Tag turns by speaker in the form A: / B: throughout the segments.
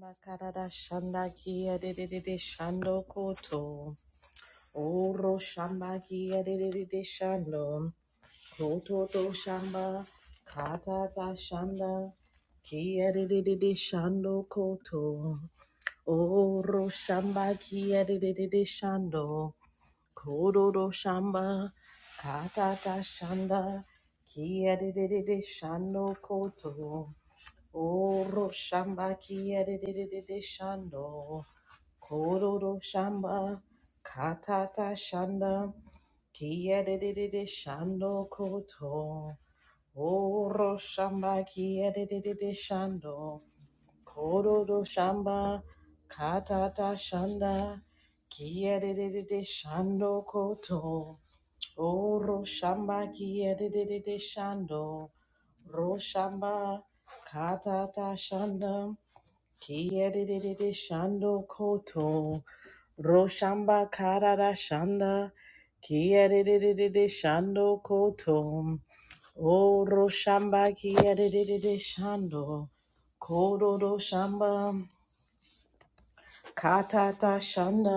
A: Makarada shandaki adididi shando koto. Oro shambaki adididi shando. Koto to shamba. Kata ta shanda. Ki adididi shando koto. Oro shambaki adididi shando. Kodo do shamba. Kata ta shanda. Ki adididi shando koto. Oro shamba kiyerere shando, kororo shamba katata shanda, kiyerere shando koto. Oro shamba kiyerere shando, Kororo shamba katata shanda kiyerere shando koto oro shamba kiyerere shando ro shamba katata shanda Kiyerere shando koto roshamba karara shanda kiyerere shando koto o roshamba kiyerere shando kororo shamba katata shanda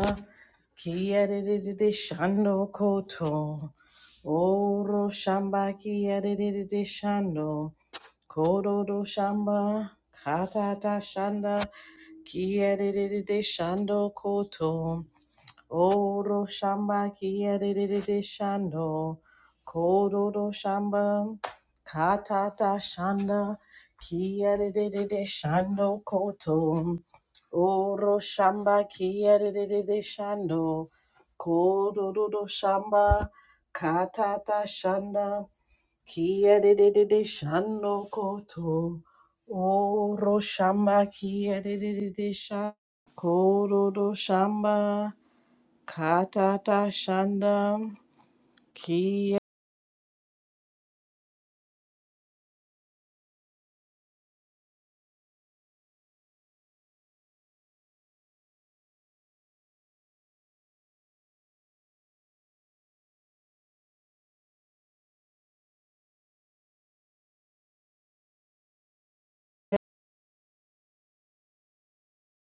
A: kiyerere shando koto o roshamba kiyerere shando kororo shamba katata shanda Kiyerere shando koto, oro shamba kiyerere shando, kororo shamba, katata shanda, kiyerere shando koto, oro shamba kiyerere shando, kororo shamba, katata shanda. Kia de de de de shano koto. O roshamba kia de de de de sha. Koro do shamba. Katata shanda. Kia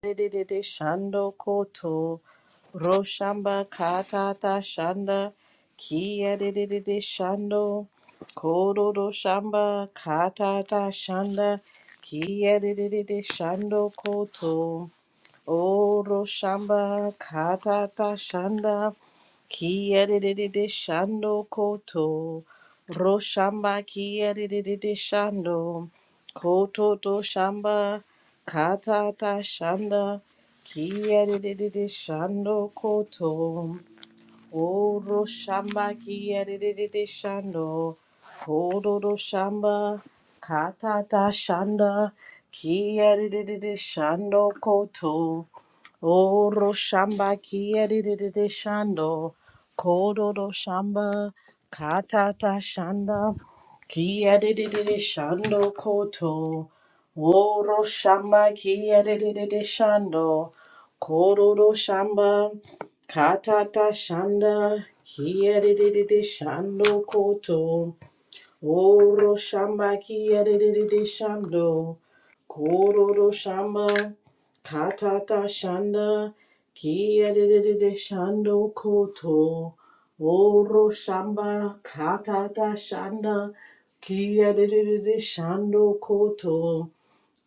A: de de de de shando koto. Roshamba katata shanda. Kia de de de de shando. Koro do shamba katata shanda. Kia de de de de shando koto. Oro shamba katata shanda kiyerere shando koto roshamba kiyerere shando koto to shamba katata shanda kiyerere shando koto oro shamba kiyerere shando koto to shamba katata shanda kiyerere shando koto Oro shamba kiyerere shando, kororo shamba katata shanda, kiyerere shando koto. Oro shamba kiyerere shando, kororo shamba katata shanda, kiyerere shando koto. Oro shamba kiyerere shando, kororo shamba, katata shanda, ki kiyerere shando koto, oro shamba, katata shanda, ki kiyerere shando koto,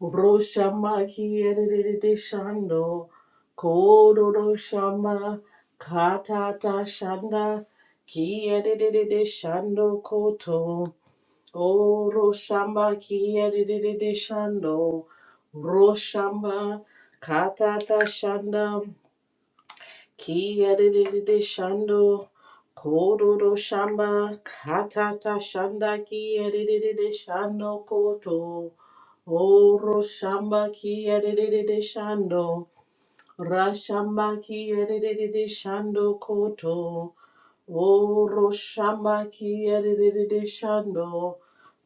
A: oro shamba kiyerere shando, kororo shamba, katata shanda, ki kiyerere shando koto. O Roshamba Kiyadidididi Shando Roshamba Katata Shanda Kiyadidididi Shando Kodo Roshamba Katata Shanda Kiyadidididi Shando Koto O Roshamba Kiyadidididi Shando Rashamba Kiyadidididi Shando Koto Oro shamba ki edididi shando,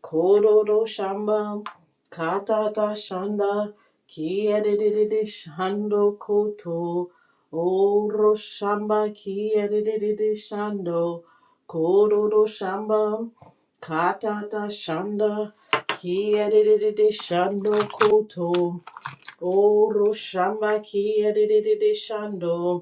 A: kororo shamba, katata shanda ki edididi shando koto, oro shamba ki edididi shando, kororo shamba, katata shanda ki edididi shando koto, oro shamba ki edididi shando.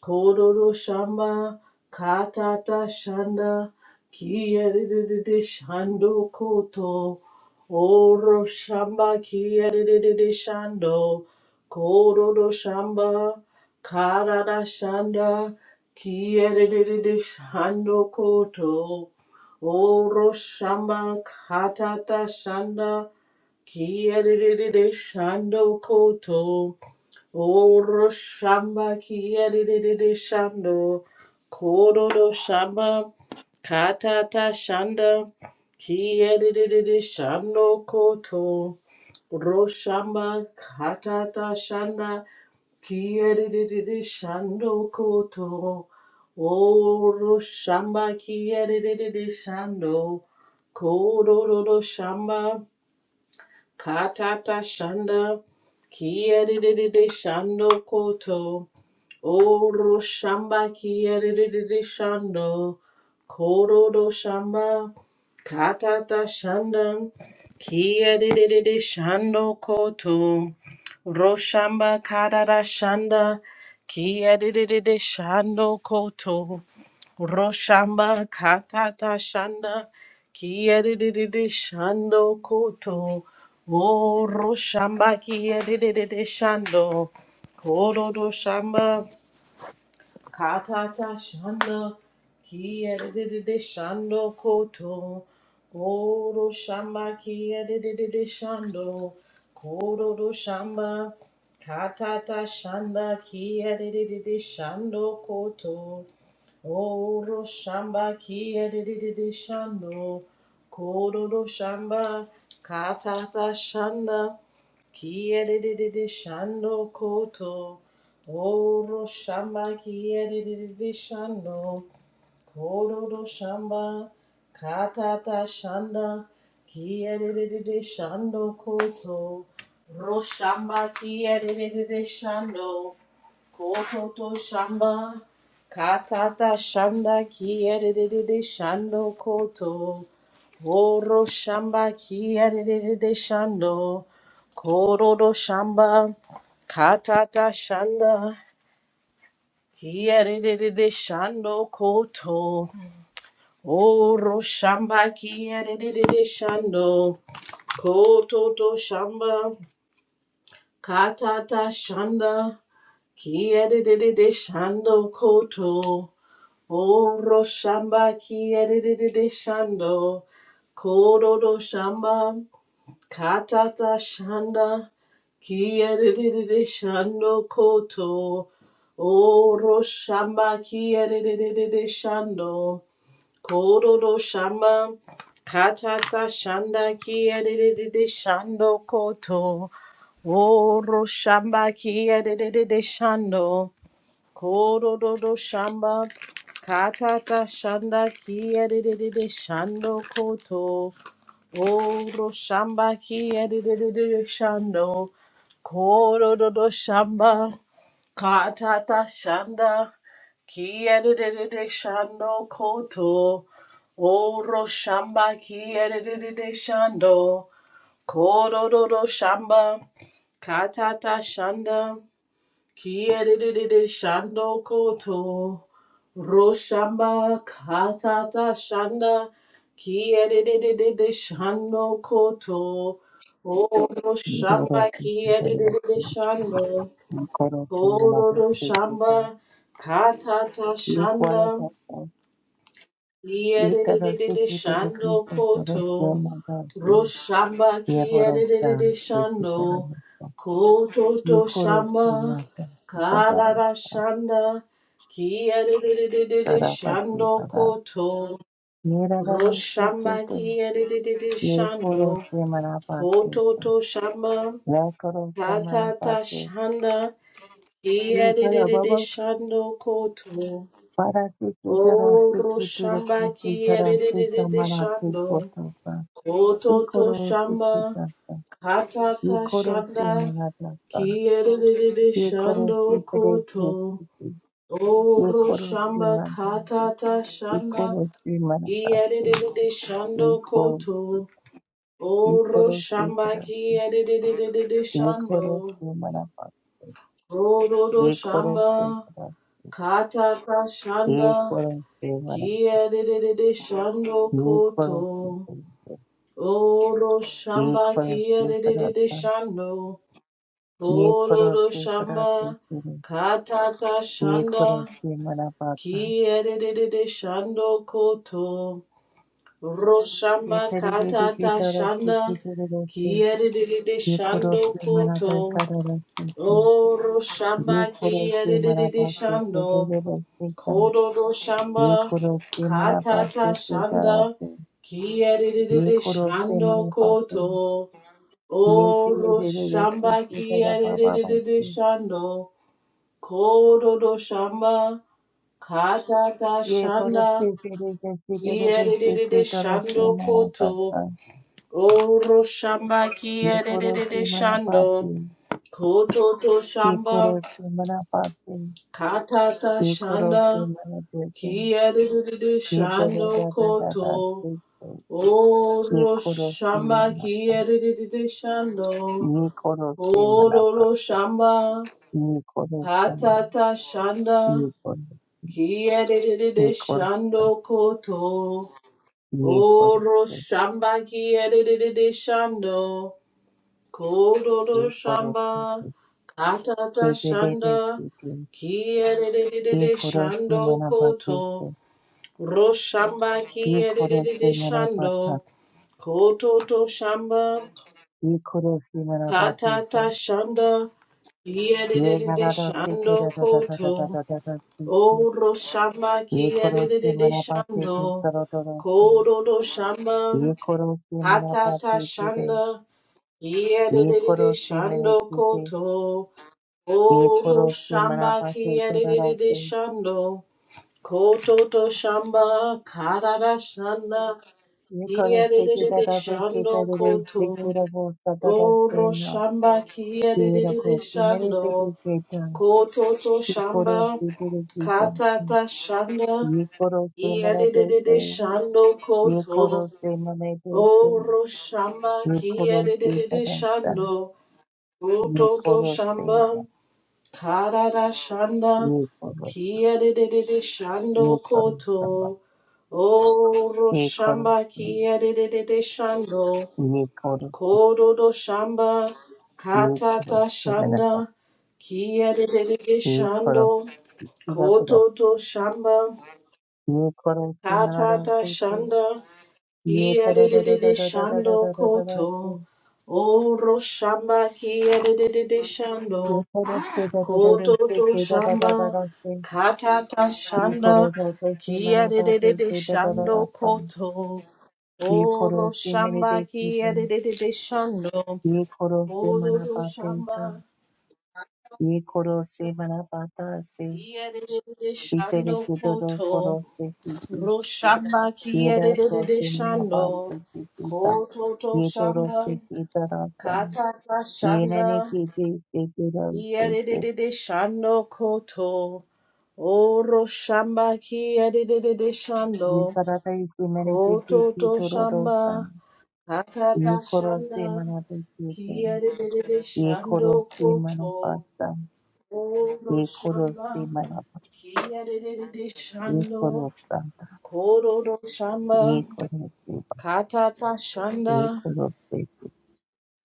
A: Kororo shamba katata shanda kiyerere shando koto oro shamba kiyerere shando kororo shamba karada shanda kiyerere shando koto oro shamba katata shanda kiyerere shando koto Oro shamba kiyadididi shando. Kododo shamba katata shanda kiyadididi shando koto. roshamba shamba katata shanda kiyadididi shando koto. Oro shamba kiyadididi shando. Kododo shamba katata shanda kiyadididi shando koto. Oro shamba kiyerere shando, kororo shamba katata shanda, kiyerere shando koto, roshamba karara shanda, kiyerere shando koto, roshamba katata shanda, kiyerere shando koto, oro shamba kiyerere shando, kororo shamba. Katata shanda ki edididi shando koto. Koro shamba ki edididi shando. Koro do shamba. Katata shanda ki edididi shando koto. Oro shamba kia dididi shando, kororo shamba katata shanda, kia dididi shando koto, oro shamba kia dididi shando, kororo shamba katata shanda, kia dididi shando koto, ro shamba kia dididi shando. Kokoto shamba katata shanda kiyerere shando koto woro shamba kiyerere shando kororo shamba katata shanda kiyerere shando koto woro shamba kiyerere shando Koto to shamba katata shanda kiyerere shando koto Oro shamba ki edididi shando, kododo shamba, katata shanda, ki edididi shando koto. Oro shamba ki edididi shando, kododo shamba, katata shanda, ki edididi shando koto. Oro shamba ki edididi shando, kododo shamba. Katata shanda kia de de de de shando koto. Oro shamba kia de de de de de shando. Koro do do shamba. Katata shanda kia de de de de shando koto. Oro shamba kia de de de de shando. Koro do do shamba. Katata shanda. Kiyedididi shando koto. Roshamba katata shanda. Kiyedididi shando koto. Oh, roshamba
B: Dorothy Kinderman
A: kiyedididi shando.
B: Coro Kinderman
A: Koro roshamba
B: Chiquita
A: katata shanda.
B: Nicola Dawson Nikada
A: Kiyedididi
B: City de
A: shando
B: Lupita Toro
A: koto.
B: Yamada
A: Roshamba
B: Yaborosa
A: kiyerere
B: Nikita
A: shando, koto to
B: Nikoro
A: shamba,
B: Sumata Nikada
A: karara shanda, ki kiyerere
B: Tarapa
A: shando
B: Sumada
A: koto.
B: Nirada
A: Roshamba
B: Chiquita
A: kiyerere
B: Nikoro
A: shando,
B: Yamanapa
A: koto
B: Chiquita
A: to shamba,
B: Nakoro Samanapa
A: katata shanda, ki
B: Nikada
A: kiyerere
B: Baba
A: shando koto.
B: Para Chiquita
A: O
B: Rosiquita
A: roshamba
B: Kupita Rosita
A: kiyerere
B: Manati
A: shando,
B: Kota
A: koto to
B: Nikorosi
A: shamba.
B: kitata,
A: Kataka
B: nikorosi
A: shanda
B: manatata,
A: kiyerere
B: nikorosi
A: shando
B: pereki
A: koto.
B: kiti,
A: Oro
B: nikorosi
A: shamba
B: mata,
A: katata shanda
B: nikorosi manatatu,
A: kiyerere shando
B: nikor,
A: koto. Oro
B: nikorosi
A: shamba
B: pereki,
A: kiyerere shando.
B: nikorosi manapatu,
A: Oro
B: nikorosi
A: shamba
B: pereki,
A: katata shanda
B: nikorosi mana,
A: kiyerere shando
B: nikorosi
A: koto.
B: pereki,
A: Oro shamba
B: nikorosi
A: kiyerere
B: perata,
A: shando. Ororo
B: nikorosi pereki
A: shamba
B: kiri,
A: katata shanda
B: nikorosi manapata,
A: ki kiyerere shando koto roshamba
B: Yeterigede
A: katata
B: gitarası
A: shanda ki
B: gitarası
A: kiyerere
B: yekurosu
A: shando
B: manada
A: koto
B: kararası
A: oro shamba
B: yekurosu
A: kiyerere
B: manabası
A: shando
B: gitarası
A: kororo shamba
B: yekurosu manabası
A: katata shanda
B: gitarası
A: ki kiyerere
B: yekurosu
A: shando
B: manabası
A: koto oro shamba
B: yeterigedesi
A: kiyerere
B: gitarababası
A: shando Kododo shamba katata shanda
B: yekurosu gitarası gitarası
A: yedede
B: gitarası
A: shando koto
B: manabası
A: oro shamba
B: yekurosu
A: kiyedede
B: manabası
A: shando kototo shamba
B: yekurosu manabası
A: katata
B: yekurosu
A: shanda
B: manabası
A: kiyedede shando koto
B: Yedidabadabadabaseke,
A: oro shamba
B: yekorosemanapa,
A: kiyedede shando
B: yekorosemanapa,
A: Kororo shamba,
B: yekorosemanapa,
A: hatata shanda,
B: yekoro-
A: Kiedede
B: yekorosa,
A: shando koto. Oro
B: yekorose,
A: shamba kiedede shando. Kododo shamba.
B: yekoroseke,
A: Katata shanda.
B: yebedebeseke,
A: Kiedede shando
B: yekorosemanabatese,
A: koto. Roshamba kiedede
B: yekorosemanabata,
A: shando. Koto to shamba.
B: yekorosemanabatesa,
A: Katata shanda. Kiedede
B: yenaradaseke,
A: shando koto.
B: dadadadadadadadadaseke,
A: Oro shamba ki edididi shando.
B: yekorosemanabatese,
A: Kododo shamba
B: ye koro se manapa
A: hatata
B: se kere,
A: shanda. Ki
B: ye
A: edididi
B: koro se mere
A: shando
B: kete,
A: koto.
B: ye
A: Oro
B: koro se
A: shamba
B: manapa
A: ki
B: se tarara
A: edididi
B: se,
A: shando. Koto to shamba karara shanda.
B: ye
A: Ki
B: koro se kita
A: edididi
B: ta se kita
A: shando
B: de de se
A: koto.
B: kira bo sa ta ta se
A: Oro
B: na,
A: shamba ki
B: ye
A: edididi
B: rako se mere pe de
A: shando.
B: keta,
A: Koto to
B: ye koro
A: shamba
B: se pere kita,
A: katata shanda.
B: ye koro se mere
A: Yedidididi shando
B: ye
A: koto.
B: koro se mere
A: Oro shamba
B: ye koro se
A: kiyedidididi
B: pada
A: shando.
B: ye
A: Ototo
B: koro se mana,
A: shamba. Karada shanda.
B: ye koro,
A: Kiyedidididi shando
B: ye koro sama,
A: koto. Oro
B: ye koro.
A: shamba kiyedidididi shando.
B: New color,
A: Kododo shamba.
B: new color.
A: Katata
B: See, manapa,
A: shanda. Kiyedidididi
B: new color.
A: shando.
B: See that dog.
A: Kototo shamba.
B: New color. See, manada,
A: Katata
B: see it.
A: shanda.
B: New da da da da da
A: Kiyadididi
B: da da da da
A: shando
B: da da. See,
A: koto. Oro shamba kiyadididi
B: new
A: shando.
B: color. See da da da da.
A: Koto to
B: See, da da da da
A: shamba.
B: da. See,
A: Katata
B: new
A: shanda.
B: color. See, manapa.
A: Kiyadididi
B: See, da da semanada, se da
A: shando
B: da.
A: koto.
B: See, new
A: Oro
B: color. See,
A: shamba
B: manadeki. See,
A: kiyadididi shando.
B: new color. See,
A: Oro to
B: manapa. See,
A: shamba.
B: da. New color. See, manapa. Da. See,
A: Kiyadididi
B: this is
A: shando
B: the color.
A: koto.
B: Color. See, see.
A: Ro shamba
B: See that color.
A: kiyadididi
B: Manapa.
A: shando.
B: See, see, da. koro semanaba se kiki
A: Koto to
B: ये तो रोस्ते
A: shamba.
B: की तरफ़ से
A: Katata
B: ये नैने
A: shanda
B: की जी से की के रोस्ते के
A: yedidididi shando koto oro shamba ki yedidididi shando
B: ये तरह से इसी मेरे से की
A: koto
B: की
A: to
B: तो रो रोस्ता
A: shamba katata
B: ये खोरो से
A: shanda
B: मना तो की
A: ki
B: थे
A: yedidididi
B: ये
A: shando
B: खोरो से मना
A: koto
B: पास्ता
A: oro
B: ये खोरो
A: shamba
B: मना
A: ki yedidididi
B: ये खोरो
A: shando
B: Santa
A: koro do shamba
B: ये खोरो ये
A: katata shanda
B: खोरो की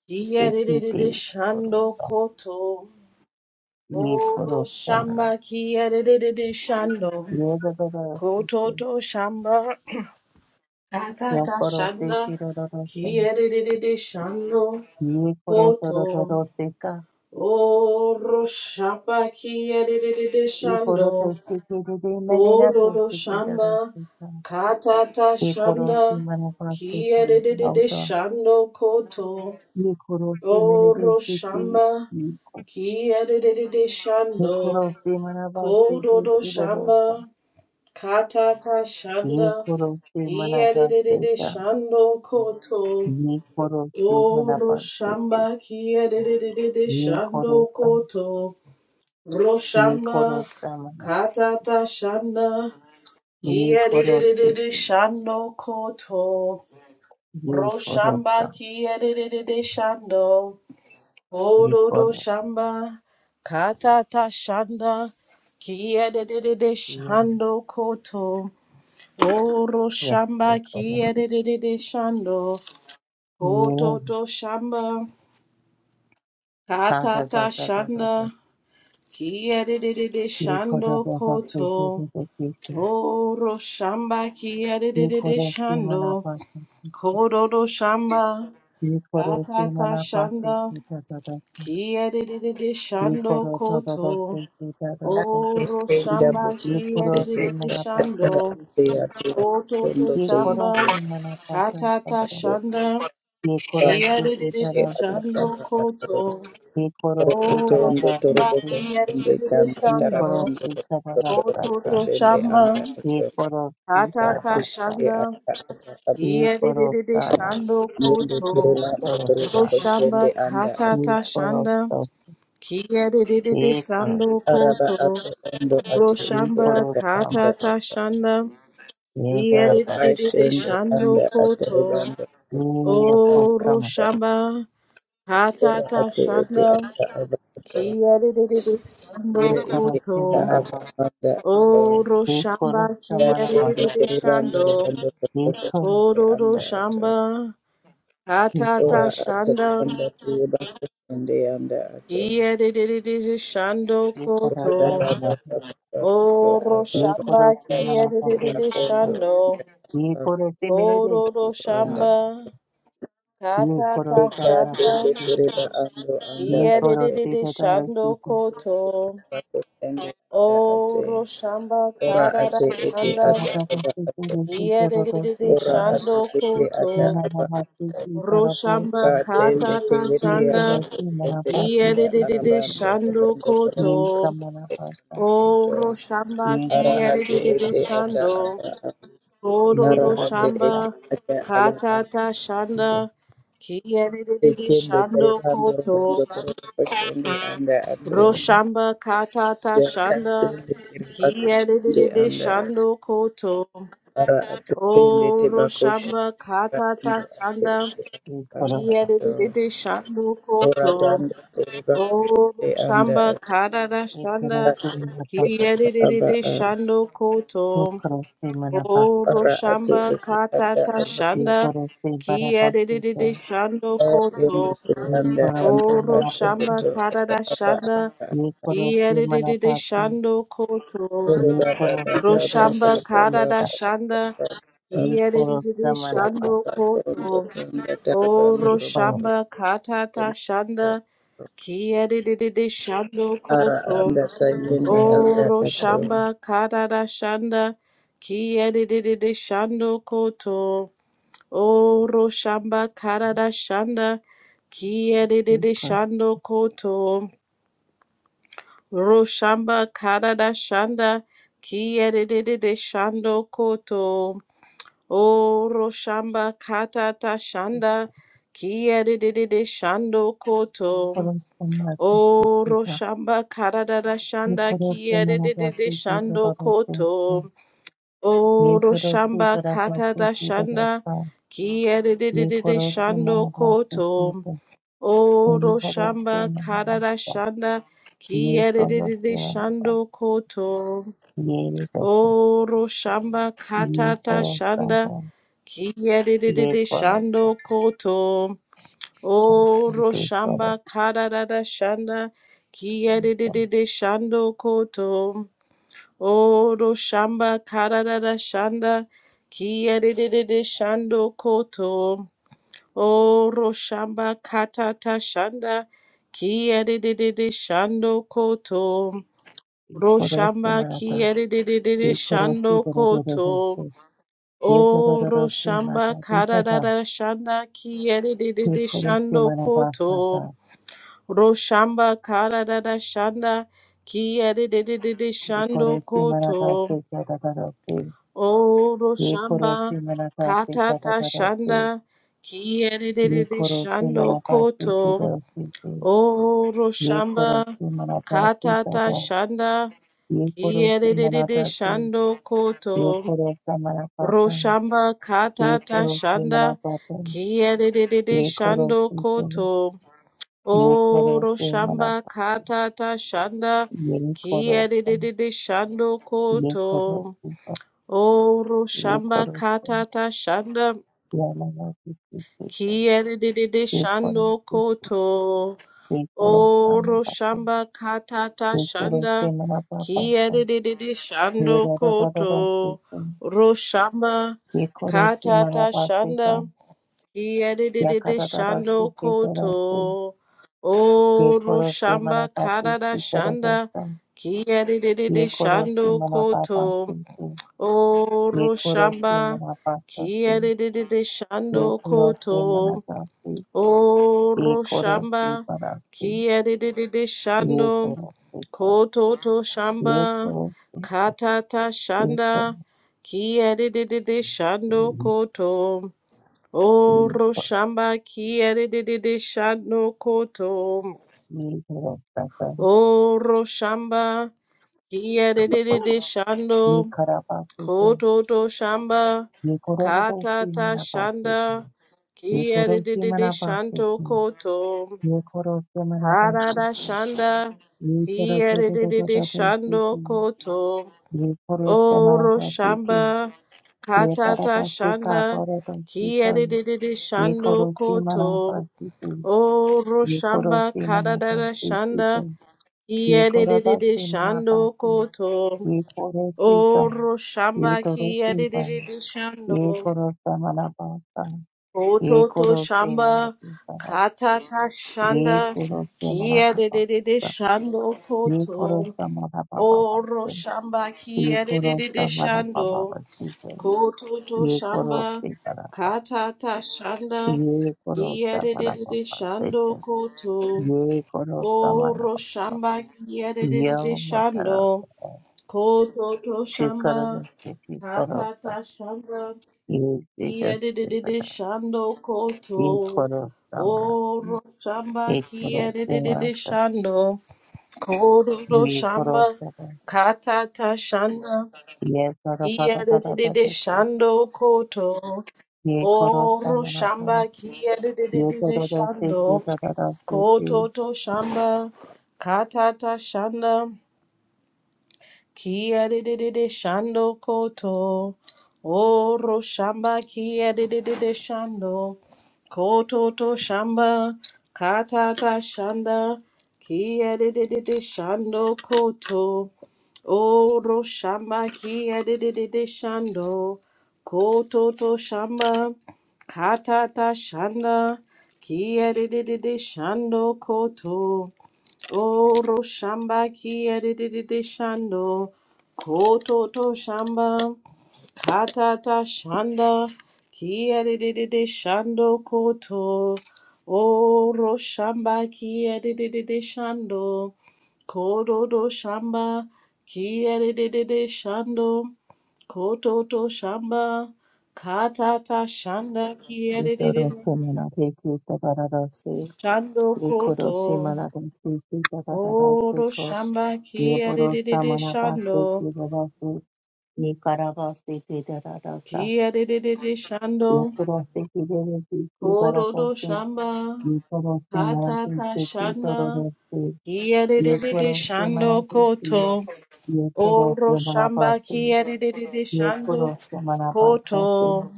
A: ki
B: से की ते
A: yedidididi
B: खोरो
A: shando koto
B: ये खोरो
A: Oro
B: मना
A: shamba kiyerere shando.
B: ये जगह दो की
A: Kototo shamba
B: या
A: katata
B: खोरो से
A: shanda
B: ती रो रो से
A: kiyerere shando.
B: ये खोरो रो
A: Koto
B: रो से
A: oro shamba kiyerere
B: Ikoro
A: shando.
B: teshikiriri menena
A: Kododo shamba
B: tusikirarasika.
A: katata
B: Ikoro
A: shanda
B: simanapasiki
A: kiyerere
B: auto.
A: shando koto.
B: Ikoro simerere
A: Oro
B: siti.
A: shamba kiyerere shando.
B: Ikoro simanapasiki
A: Kododo
B: kirarasa.
A: shamba Katata shanda
B: Ikoro
A: kiyedede
B: simanapasika.
A: shando koto
B: Ikoro
A: oro
B: simanapasiki.
A: shamba kiyedede shando
B: Ikoro sam.
A: koto roshamba
B: Ikoro samana.
A: katata shanda
B: Ikoro
A: kiyedede
B: siti.
A: shando koto
B: Ikoro
A: roshamba
B: sam.
A: kiyedede shando ododo
B: Ikoro.
A: shamba katata shanda kiyedede
B: Yes,
A: shando koto Oro
B: yes,
A: shamba
B: Ikoro.
A: kiyerere shando.
B: Yes.
A: Kototo shamba
B: Da da
A: katata
B: da da da da
A: shanda kiyerere
B: Ye kora
A: shando
B: baba seke
A: koto.
B: de de kese.
A: Oro shamba
B: Ye
A: kiyerere
B: kora se mana
A: shando.
B: pase.
A: Kododo shamba
B: Ye kora se
A: katata
B: mana pase
A: shanda
B: ki da da da sa.
A: kiyerere
B: Ye
A: shando
B: kora da da da
A: koto.
B: se ki da da sa.
A: Oro
C: Ekenda
A: shamba
C: buku
B: Ye kora se
C: shende
A: kiyerere
B: mana pase
C: kakata
A: shando.
B: ki
C: ate
B: ki.
C: ate
A: Kototo
C: atondo
B: Ye
C: te
B: kora
A: shamba
B: se mana pata sa
A: katata
B: sa.
C: yetuka
A: shanda.
B: Ye kora
A: Kia
C: ate
B: se
A: de de
B: ki
A: de
B: da
A: de
B: da se ki.
A: shando
C: atakata atoro
A: koto.
B: Ye kora
C: oro
B: se
A: Oro
B: para
C: otondo
B: da
C: toro
A: shamba
B: se ki.
C: buku
A: kia de
C: shende
A: de de de
C: tanda
B: Ye
A: shando.
B: kora
C: tarabando
B: se da da da
C: toro
B: sa
A: Koto
C: buku
B: sa.
A: to
C: shende
A: shamba.
C: anda
B: Ye
C: ato
B: kora se
A: Tata
B: ba
A: ta
C: kati
B: ba sa.
C: ete
A: shanda.
C: ata atakata
B: Ye
A: Kia de de
B: kora
A: de de
B: sa na.
A: shando
C: yende
A: koto.
C: toro
B: Ye
C: bando
B: kora
C: toro
A: Ro
B: sa
C: buku
B: na.
A: shamba
C: shende anda
A: kata
C: ato
A: ta shanda. Kia de de de de shando
B: Ikorofo
C: araba
A: koto.
C: ato ondo
A: Ro
C: ate ete
A: shamba
C: ata
B: ikorofama
A: kata
C: anda ato
A: ta shanda. Kia de
B: yegarapa
A: de de de
C: kashende
A: shando
C: anda ato
A: koto.
C: rebando anda
A: Oro
B: iyekorofama
C: ato
A: shamba kata
C: ora ate ete
A: shanda.
C: ata abato
A: Kiedede shando
C: Ire ete ata
A: koto.
C: aba
B: ikorofimaraba
C: anda ato.
A: Oro shamba
C: Date
B: ikorofamaraba
C: ete
A: kiedede
C: ribambo
A: shando.
C: ribambo ribambo
B: ikorofa
C: ende
A: Oro ro
C: anda ato.
A: shamba katata
C: Ora
B: ikoros
C: ata
A: shanda.
C: tanda tiye bako ende anda ato.
A: Kiedede shando
C: Ore baba
A: koto.
B: ikorofamaraba
C: baba baba baba
A: Oro
C: baba
A: shamba
B: ikorofimaraba
C: ende
A: kiedede
C: bako
B: ikorfa
C: ndo
A: shando.
C: ando
A: Oro
B: ikorofimerese
A: ro
B: kita
C: anda.
A: shamba katata
C: Eka
B: ikorofamaraba
C: tende
A: shanda.
C: tereba ando anda ate.
A: Kiedede shando
B: ikorofidadarakita
C: Tiye
A: koto.
C: bako ende anda ate.
A: Oro shamba
C: Ora
A: karada
C: ate ete
A: shanda.
C: ata aba ato.
A: Yerere
B: ikorodadasikirikirodosita
C: Ora ate
A: shando
C: ete ata
A: koto
C: aba
B: manavavasikiparavosa
A: roshamba
C: Katende
A: katata
B: ये
C: tengeti
B: करो
A: shanda
C: abato
B: कि मना
C: tende
B: पास
C: anda
B: इसकी कुछ
A: yerere
C: arabando
A: shando
C: obondo
B: ये
C: torobo
A: koto
B: समना पास करते
A: o
C: kosoto.
A: roshamba
B: ये
C: Ara
B: करो
C: ate
B: कि पर
A: yerere
C: ete ata
A: shando
C: aba a.
B: ये
C: Ara
A: kororo
C: ate
B: करो सा
C: ete
A: shamba
C: ata aba a.
A: katata
B: ये
A: shanda yerere
C: Etende
A: shando
C: terebando obondo
A: koto
C: torobo kosende anda
B: ये
C: ato.
B: करो
A: roshamba katata shanda
C: Yakatende terebako shende
A: yerere
C: anda ato.
A: shando koto
C: Ara ato
B: ये
C: tende
A: o
C: tebako shende
A: roshamba
C: anda
A: katata
C: ate
A: shanda
C: ete
B: ये करो
C: aba ato.
A: Yadididi shandu
C: Ora
A: koto.
C: danda terebako
A: Oh,
C: shende
A: shamba
C: anda
A: karara
B: ये
A: shanda.
B: करो से मना पास
C: aba
A: Yadididi
C: a
A: shandu
B: ये
A: koto.
B: करो से मना पास
A: Oh,
C: ara ate
A: roshamba
C: ete ata
A: katata
C: aba
B: ये
C: a
A: shanda.
B: करो से बना पास है
A: Kiyadididi shandu koto.
C: te
B: ये
C: anda
B: करो
C: anda
B: से
A: Oh,
B: मना
C: ato
B: pass
A: roshamba
C: oto
A: karara
C: aba a
A: shanda.
B: ये करो से मना
A: Kiyadididi
B: पास
A: shandu koto.
C: ore
B: ये
C: ba ba
B: करो
C: ba ba
B: से
C: ba
B: चले
C: ba
A: Roshamba
B: से
C: ba ba ba
A: karara
B: इसका
A: shanda.
B: ये
C: ba
B: करो
A: Kiyadididi
B: से मना
C: shende
B: पास
A: shandu
C: ba tondo
A: koto.
C: tenda
A: Oh,
C: tarabando
B: ये करो
C: robondo
A: roshamba katata shanda.
C: tenda
A: Kia de de de de shando
C: ara
A: koto.
C: anda
B: ये
C: tayende anda
A: Oro
B: करो
C: ato
A: shamba karara shanda. Kia de de de de shando koto. Oro shamba karara shanda. Kia de de de
B: से
A: shando koto. Ro shamba karara shanda. Kia de de de de shando koto. Oro shamba katata shanda. Kia de de de de shando koto.
B: Korosho Maratasi
A: O
B: Kita,
A: Roshamba Karadada Shanda
B: Nikoroshi
A: Kiedede
B: Managasi Kita
A: Shando
B: Rodoshi,
A: Koto. O
B: Yekoroshi
A: Roshamba
B: Barabasi
A: Katada
B: Kita
A: Shanda
B: Rosa,
A: Kiedede
B: Yekoroshi
A: Shando
B: Managasi
A: Koto.
B: Kita,
A: O
B: Yekoroshi
A: Roshamba Katada
B: Managasa,
A: Shanda
B: Yekoroshi
A: Kiedede
B: Managasa,
A: Shando Koto.
B: Yedoka,
A: O Roshamba Katata Shanda
B: Yekorosaba,
A: Kiedede
B: Yekoroshi
A: Shando Koto. O
B: Tekorosa,
A: Roshamba Karada Shanda Kiyadidide Shando Koto O Roshamba Karada Shanda Kiyadidide Shando Koto O Roshamba Katata Shanda Kiyadidide Shando Koto
B: Yekoroshi
A: Roshamba
B: Managasa,
A: Kiyadidide
B: Yekoroshi
A: Shando Koto
B: Barabasi,
A: O
B: Yekoroshi Mata
A: Roshamba Karada
B: Dikata,
A: Shanda Kiyadidide
B: Yekoroshi
A: Shando Koto
B: Managasa,
A: Roshamba kararara shanda Kia de de de de de
B: ye
A: shando
B: koro si manata se
A: koto.
B: katatara se
A: O
B: ye koro si
A: roshamba
B: manata se
A: katata
B: katatara se
A: shanda Kia de de
B: ye
A: de de
B: koro si
A: shando
B: manata se
A: koto.
B: tira se se
A: O
B: ye koro
A: roshamba
B: si manata se
A: katata
B: tata
A: shanda
B: ye koro
A: Kia
B: si
A: de de de de
B: manata se
A: shando
B: ye
A: koto.
B: koro sa manata ta
A: Roshamba
B: ye
A: katata
B: koro si
A: shanda
B: manata ta
A: Kia de de de de
B: ye koro
A: shando
B: si se
A: koto.
B: ye koro
A: Oro
B: si
A: shamba
B: manata
A: katata shanda
B: ye koro sa
A: kiedididi shando
B: ye koro
A: koto.
B: si pa
A: Oro
B: ye
A: shamba
B: koro sa
A: katata shanda
B: ye manata se
A: kiedididi shando
B: se
A: koto.
B: Ye koro sama
A: Oro
B: baba.
A: shamba katata
B: Ye koro
A: shanda
B: sama baba baba.
A: kiedididi
B: Ye ra
A: shando
B: ra ra ra ra se
A: koto.
B: se.
A: Roshamba
B: Ye koro sama
A: katata
B: baba se
A: shanda
B: ka. Ya ka
A: Yedididi
B: ra ra ra se
A: shando
B: se ra ra se.
A: koto.
B: Ye
A: Oro
B: koro sama
A: shamba
B: baba se
A: karada
B: se ra ra ra
A: shanda.
B: sa.
A: Kiyedididi
B: Ye koro
A: shando
B: sama baba se
A: koto.
B: se. Ye
A: Oro
B: koro sama
A: shamba.
B: baba sa se.
A: Kiyedididi
B: Ye
A: shando
B: koro sama
A: koto.
B: baba se. Ye
A: Oro
B: koro
A: shamba.
B: sama se.
A: Kiyedididi
B: Ye
A: shando.
B: koro se ka.
A: Koto to
B: Ye
A: shamba.
B: koro.
A: Katata
B: Ye koro.
A: shanda. Kiyedididi shando koto.
B: se.
A: Oro shamba kiere de de de shano koto.
B: Ye koro sa sa.
A: Oro shamba kiere de de de
B: ये
A: shando
B: खरा पास देखे
A: koto to shamba
B: ये करो तो उसकी
A: kata ta
B: मना पास देखे
A: shanda
B: ये करो
A: kiere de
B: उसकी
A: de de
B: मना पास
A: shanto
B: देखे
A: koto.
B: ये करो उसके मना पास
A: Karada shanda
B: ये करो तो
A: kiere
B: तो
A: de
B: तो
A: de
B: तो
A: de
B: तो तो इसके
A: shando
B: की
A: koto.
B: ये करो उसके मना
A: Oro
B: पास देखे
A: shamba
B: ये
A: kata
B: करा
A: ta
B: पास देखा
A: shanda
B: पर तो उसकी कर
A: kiere de de de
B: ये
A: shando
B: करो उसकी मना
A: koto.
B: पास देखे
A: O
B: ये करो
A: Roshamba
B: उसकी मना पास
A: Kadada
B: देखे
A: Shanda
B: तो ये करो तो
A: Kiedididi
B: उसकी मना पास
A: Shando
B: देखे
A: Koto
B: ये करो उसकी का
A: O
B: ये
A: Roshamba
B: तो रोटी का
A: Kiedididi
B: ये
A: Shando
B: करो उसका मना पास
A: Koto To
B: Yekoroshe mana
A: Shamba
B: papa.
A: Katata Shanda
B: Yekoroshe mana papa.
A: Kiedididi Shando Koto
B: Yekoroshe mana papa.
A: O Roshamba
B: Yekoroshe
A: Kiedididi
B: mana papa. Yekoroshe mana papa.
A: Shando Koto To Shamba
B: Yekoroshe mana papa.
A: Katata Shanda
B: Yekoroshe mana papa. Yekoroshe mana
A: Kiedididi
B: papa.
A: Shando Koto
B: Yekoroshe mana
A: Oro
B: papa.
A: shamba kiyadededede
B: Yekoroshe mana papa.
A: shando.
B: Yekoroshe mana papa. Yekoroshe mana papa. Yekoroshe mana
A: Koto to shamba.
B: papa.
A: Katata shamba. Kiyadededede shando koto. Oro shamba kiyadededede shando. Kororo shamba.
B: Yekoroshe mana papa.
A: Katata shanda.
B: Ye bara bara bara
A: Kiyadededede
B: bara te.
A: shando koto.
B: Ye koro
A: Oro
B: samana ba.
A: shamba
B: Ye
A: kiyadededede
B: bara do se ki
A: shando.
B: bara do se
A: Koto
B: ki.
A: to shamba. Katata shanda. Ki de shando koto. Oro shamba ki de shando. Koto to shamba kata ta shanda. ki de shando koto. Oro shamba ki de shando. Koto to shamba kata ta shanda. ki de shando koto. Oro shamba ki edididi shando. Koto to shamba. Katata shanda. Ki edididi shando koto. Oro shamba ki edididi shando. Kodo do shamba. Ki edididi shando. Koto to shamba. Katata shanda ki
B: Ye koro
A: edididi
B: samana te ki bara do se.
A: shando
B: Ye koro
A: koto.
B: simana do se ki bara do se
A: Oro
B: ko.
A: shamba
B: Ye
A: kia de
B: bara
A: de de de
B: samana ba se
A: shando,
B: ki bara se. Ye kara ba se ki bara do sa.
A: kia de de de de
B: Ye
A: shando,
B: koro se ki bara se ki bara
A: oro
B: do
A: do
B: se.
A: shamba,
B: Ye koro samana
A: kata
B: te
A: ta
B: ki bara
A: shanda,
B: do se.
A: kia de de
B: Ye
A: de de
B: koro
A: shando
B: samana te se.
A: koto,
B: Ye koro
A: oro
B: samana ba
A: shamba
B: se.
A: kia de de de de shando
B: Yekoro samanabasati,
A: koto,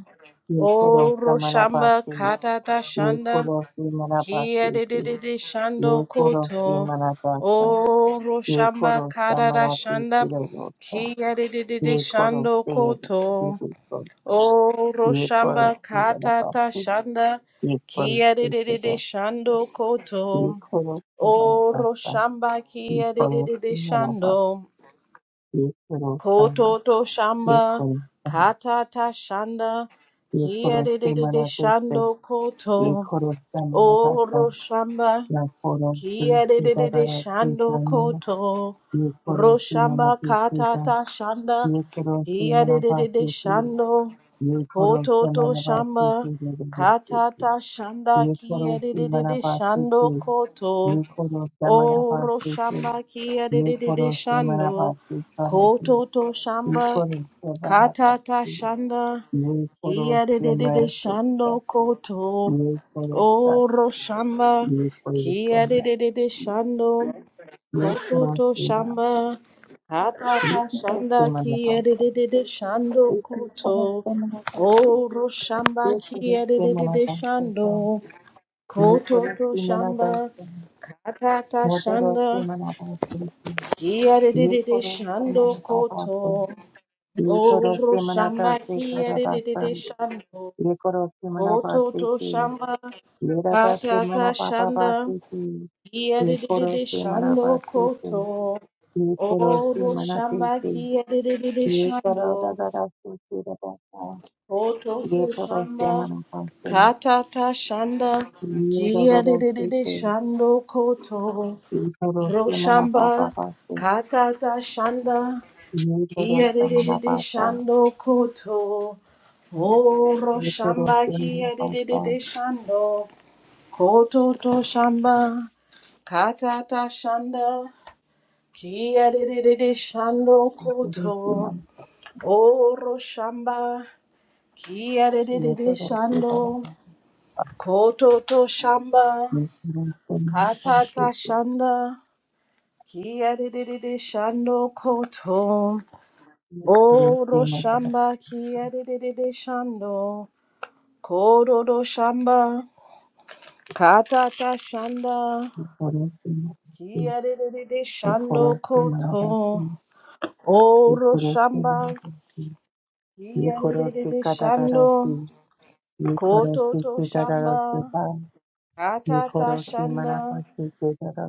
B: yekoro
A: oro shamba
B: samanabasi,
A: kata ta shanda.
B: yekoro
A: Kia
B: samanabasi,
A: de de de de shando
B: yekoro
A: koto. O
B: samanabasa,
A: roshamba
B: yekoro
A: karara
B: samanabasi,
A: shanda.
B: kirosa,
A: Kia de de de de
B: yekoro
A: shando
B: sede,
A: koto.
B: kibiso,
A: O
B: yekoro
A: roshamba katata
B: samanabasi,
A: shanda.
B: yekoro
A: Kia de de de de
B: sede,
A: shando koto.
B: yekoro
A: O
B: samanabasa,
A: roshamba kia de de
B: yekoro
A: de de
B: samanabasi,
A: shando.
B: yekoro sama,
A: Koto to shamba
B: yekoro sama,
A: katata shanda. Kia
B: yekoro
A: de de de de
B: samanabasi,
A: shando koto.
B: yekoro
A: O roshamba.
B: La coro tu
A: Kia de de de de
B: cuidadora si
A: shando
B: prana,
A: koto.
B: y coro tu
A: Roshamba
B: manati cuida,
A: katata shanda.
B: y coro tu
A: Kia de de de de
B: manabasi tu,
A: shando.
B: y coro tu
A: Koto to
B: manabasi
A: shamba.
B: tu,
A: Katata shanda.
B: y
A: Kia
B: coro
A: de
B: tu
A: de de de
B: manabasi
A: shando
B: tu,
A: koto.
B: y coro tu
A: O
B: manabasi tu,
A: roshamba kia de
B: y
A: de de de
B: coro tu
A: shando.
B: manabasi coro tu,
A: Koto to
B: y
A: shamba.
B: coro tu
A: Katata
B: manabasi,
A: shanda.
B: y coro tu manabasi, y coro tu, y coro tu manabasi, y coro
A: Kia de
B: tu
A: de de de shando koto. Oro shamba. Kia de de de de shando. Koto to
B: manabasi,
A: shamba. Hata
B: y coro
A: shanda
B: tu
A: kia
B: manabasi.
A: de de de de shando
B: Eki
A: koto.
B: parasti manatasi,
A: Oro shamba
B: Ye koro da da
A: kia de de de de shando. Koto to shamba.
B: da
A: Hata shanda kia de de de de shando koto. Oro shamba
B: se se da
A: kia de
B: da
A: de de
B: da.
A: de shando. Koto to shamba kata ta shanda gia de de de de shando koto oro shamba gia de de de de shando koto
B: Ye
A: to
B: koro se
A: shamba
B: mana pa se.
A: katata shanda gia de de de de
B: Yerododoshiki,
A: shando koto ro shamba
B: Yerodoshimanapapapashi,
A: kata ta shanda gia de de de de
B: Yerodoshimanapasa,
A: shando koto oro shamba gia de de de
B: Yerodoshimanapasa,
A: de shando Koto to shamba, katata shanda, kiedede shando koto,
B: Yerodoshiman-
A: oro shamba, kiedede shando,
B: Yerodoshimanapasa,
A: koto to shamba,
B: Yerodoshimanapasi, Yerodoshimanapa-
A: katata shanda, kiedede shando koto,
B: Yerodoshimanapasi,
A: oro
B: Yerodoshimanapasi,
A: shamba, kiedede shando, kodo do shamba, katata shanda.
B: Yerodoshimanapasi,
A: Kiarere shando koto
B: Yerodoshimanapasi, Yerodoshimanapasi,
A: oro shamba.
B: Yerodoshimanapasi,
A: Kiarere shando koto to shamba.
B: Yerodoshimanapasi,
A: Atata shanda.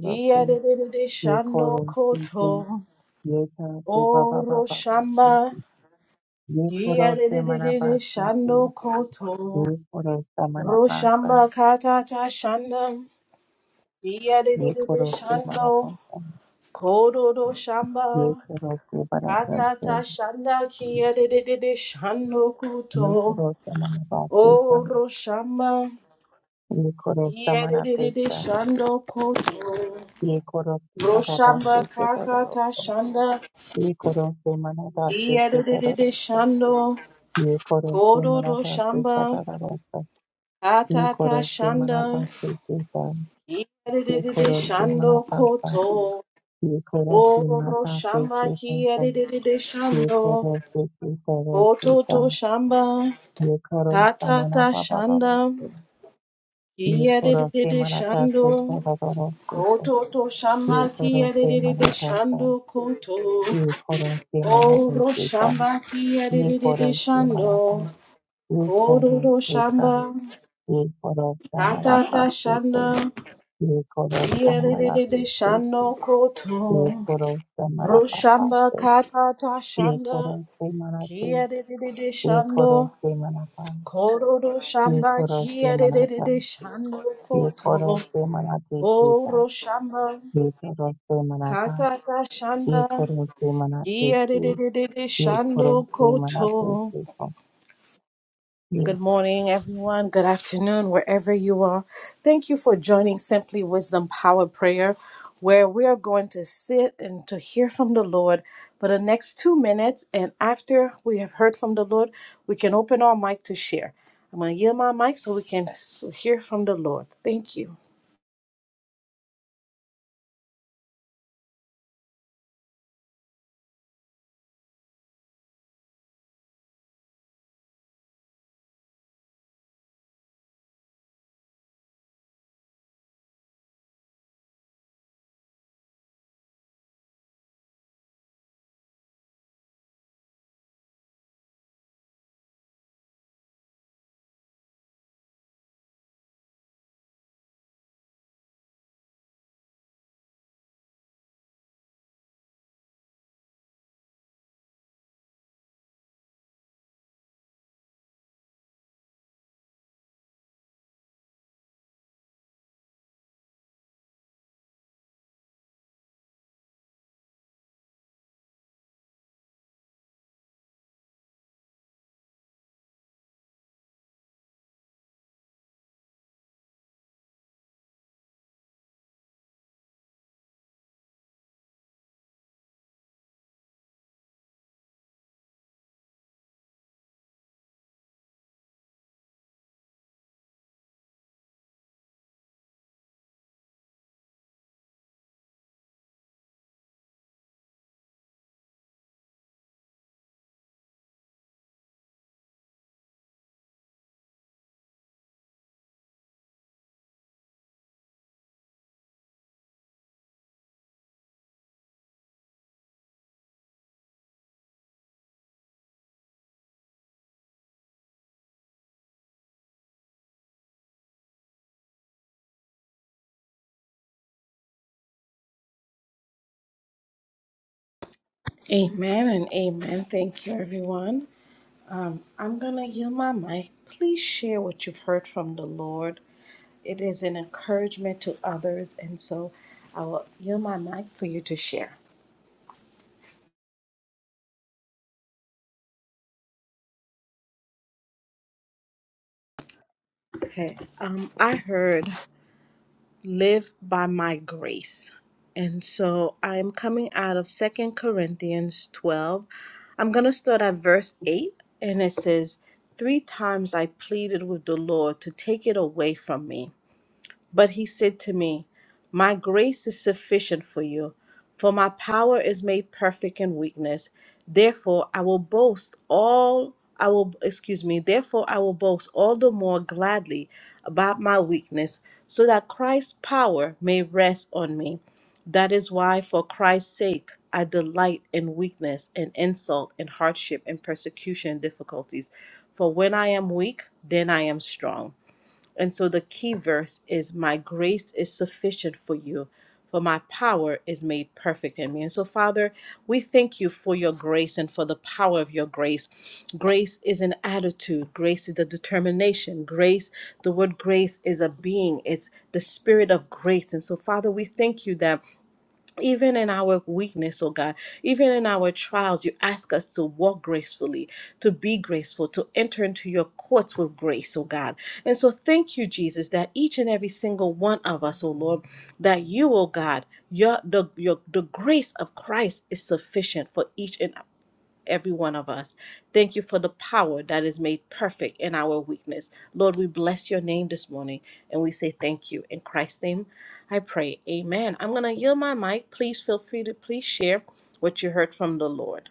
A: Kiarere
B: Ye
A: shando
B: koro si si,
A: koto
B: ye ta te ba ba ba
A: oro
B: ba ba si.
A: shamba.
B: Ye koro se mana ba
A: Kiarere
B: si si.
A: shando koto
B: Ye koro sa mana
A: ro
B: ba
A: shamba
B: sa.
A: katata shanda.
B: Ye
A: Kiarere
B: koro se mana
A: shando
B: ba sa.
A: koto do shamba.
B: Ye koro se bara te se.
A: Atata shanda kia de de de de shando
B: Ye
A: kuto.
B: koro sa mana ba se sa.
A: O roshamba
B: Ye koro sa
A: kia de
B: mana
A: de
B: te
A: de de
B: sa.
A: shando kuto.
B: Ye koro si bara ba ba se
A: Roshamba
B: ke to ro ro
A: katata
B: so.
A: shanda
B: Ye koro se mana ba se
A: kia
B: ke
A: de
B: to
A: de de
B: ro ro
A: de
B: so.
A: shando.
B: Ye koro se
A: Kodo
B: mana ba se ka ta
A: roshamba
B: ro ro so. Ye
A: katata
B: koro se mana ba
A: shanda
B: se ke ta.
A: kia de de
B: ye
A: de de
B: koro se mana
A: shando
B: papa,
A: koto.
B: ye koro
A: O
B: se mata se ke
A: roshamba kia
B: tonto,
A: de de de de
B: ye
A: shando.
B: koro se ke koro se
A: Koto
B: ta,
A: to shamba
B: ye koro sa mana
A: katata
B: papa papa
A: shanda.
B: se, ye koro se
A: Kiyadididi
B: mana ta se
A: shando,
B: koro koro se ta,
A: koto to shamba
B: ye koro se mana
A: kiyadididi
B: ta ta,
A: shando koto.
B: ye koro se mana ta
A: Oro
B: se ta,
A: shamba
B: ye
A: kiyadididi
B: koro se mana pa,
A: shando,
B: ye
A: koto
B: koro
A: to
B: se ka,
A: shamba,
B: ye koro sa mana
A: katata
B: se te,
A: shanda,
B: ye koro sa mana
A: kiyadididi
B: se te,
A: shando koto.
B: ye koro sa mana
A: Ro
B: pa
A: shamba katata
B: Ye
A: shanda,
B: koro se manate,
A: kiyadididi
B: ye
A: shando,
B: koro se manatan,
A: koto to
B: ye
A: shamba
B: koro se
A: kiyadididi
B: manatan,
A: shando
B: ye
A: koto.
B: koro se manate kita,
A: Oro shamba.
B: ye koro se manata,
A: Katata
B: ye
A: Shanda.
B: koro se manate ki,
A: Yadididididi
B: ye koro
A: Shando
B: se manate
A: Koto.
B: kita. Ye-
A: Good morning, everyone. Good afternoon, wherever you are. Thank you for joining Simply Wisdom Power Prayer, where we are going to sit and to hear from the Lord for the next two minutes. And after we have heard from the Lord, we can open our mic to share. I'm going to yield my mic so we can s- hear from the Lord. Thank you. Amen and amen. Thank you, everyone. Um, I'm going to yield my mic. Please share what you've heard from the Lord. It is an encouragement to others. And so I will yield my mic for you to share. Okay. Um, I heard live by my grace. And so I'm coming out of Second Corinthians 12. I'm going to start at verse 8. And it says, "Three times I pleaded with the Lord to take it away from me. But he said to me, My grace is sufficient for you, for my power is made perfect in weakness. Therefore, I will boast all, I will, excuse me, therefore, I will boast all the more gladly about my weakness, so that Christ's power may rest on me. That is why, for Christ's sake, I delight in weakness and insult and hardship and persecution and difficulties. For when I am weak, then I am strong. And so the key verse is, My grace is sufficient for you, for my power is made perfect in me. And so, Father, we thank you for your grace and for the power of your grace. Grace is an attitude, grace is a determination. Grace, the word grace is a being, it's the spirit of grace. And so, Father, we thank you that even in our weakness, oh God, even in our trials, you ask us to walk gracefully, to be graceful, to enter into your courts with grace, oh God. And so thank you, Jesus, that each and every single one of us, oh Lord, that you, oh God, your the your the grace of Christ is sufficient for each and every one of us. Thank you for the power that is made perfect in our weakness. Lord, we bless your name this morning and we say thank you. In Christ's name, I pray. Amen. I'm going to yield my mic. Please feel free to please share what you heard from the Lord.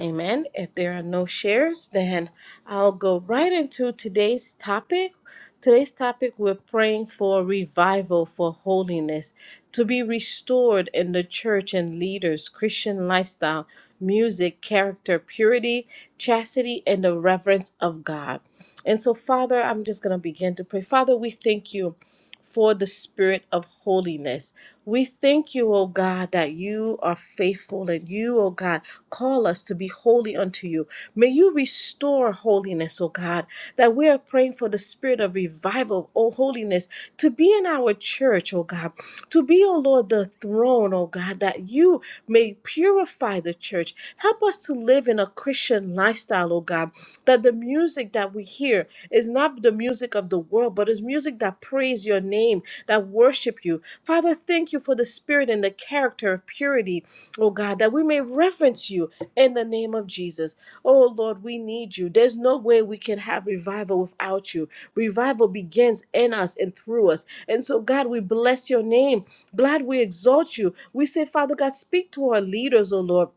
A: Amen. If there are no shares, then I'll go right into today's topic. Today's topic we're praying for revival for holiness to be restored in the church and leaders, Christian lifestyle, music, character, purity, chastity, and the reverence of God. And so, Father, I'm just going to begin to pray. Father, we thank you for the spirit of holiness. We thank you, oh God, that you are faithful and you, oh God, Call us to be holy unto you. May you restore holiness, O God, that we are praying for the spirit of revival, O holiness, to be in our church, O God, to be, O Lord, the throne, O God, that you may purify the church. Help us to live in a Christian lifestyle, O God, that the music that we hear is not the music of the world, but is music that praise your name, that worship you. Father, thank you for the spirit and the character of purity oh God, that we may reverence you in the name of Jesus. Oh Lord, we need you. There's no way we can have revival without you. Revival begins in us and through us. And so, God, we bless your name. Glad we exalt you. We say, Father God, speak to our leaders, oh Lord.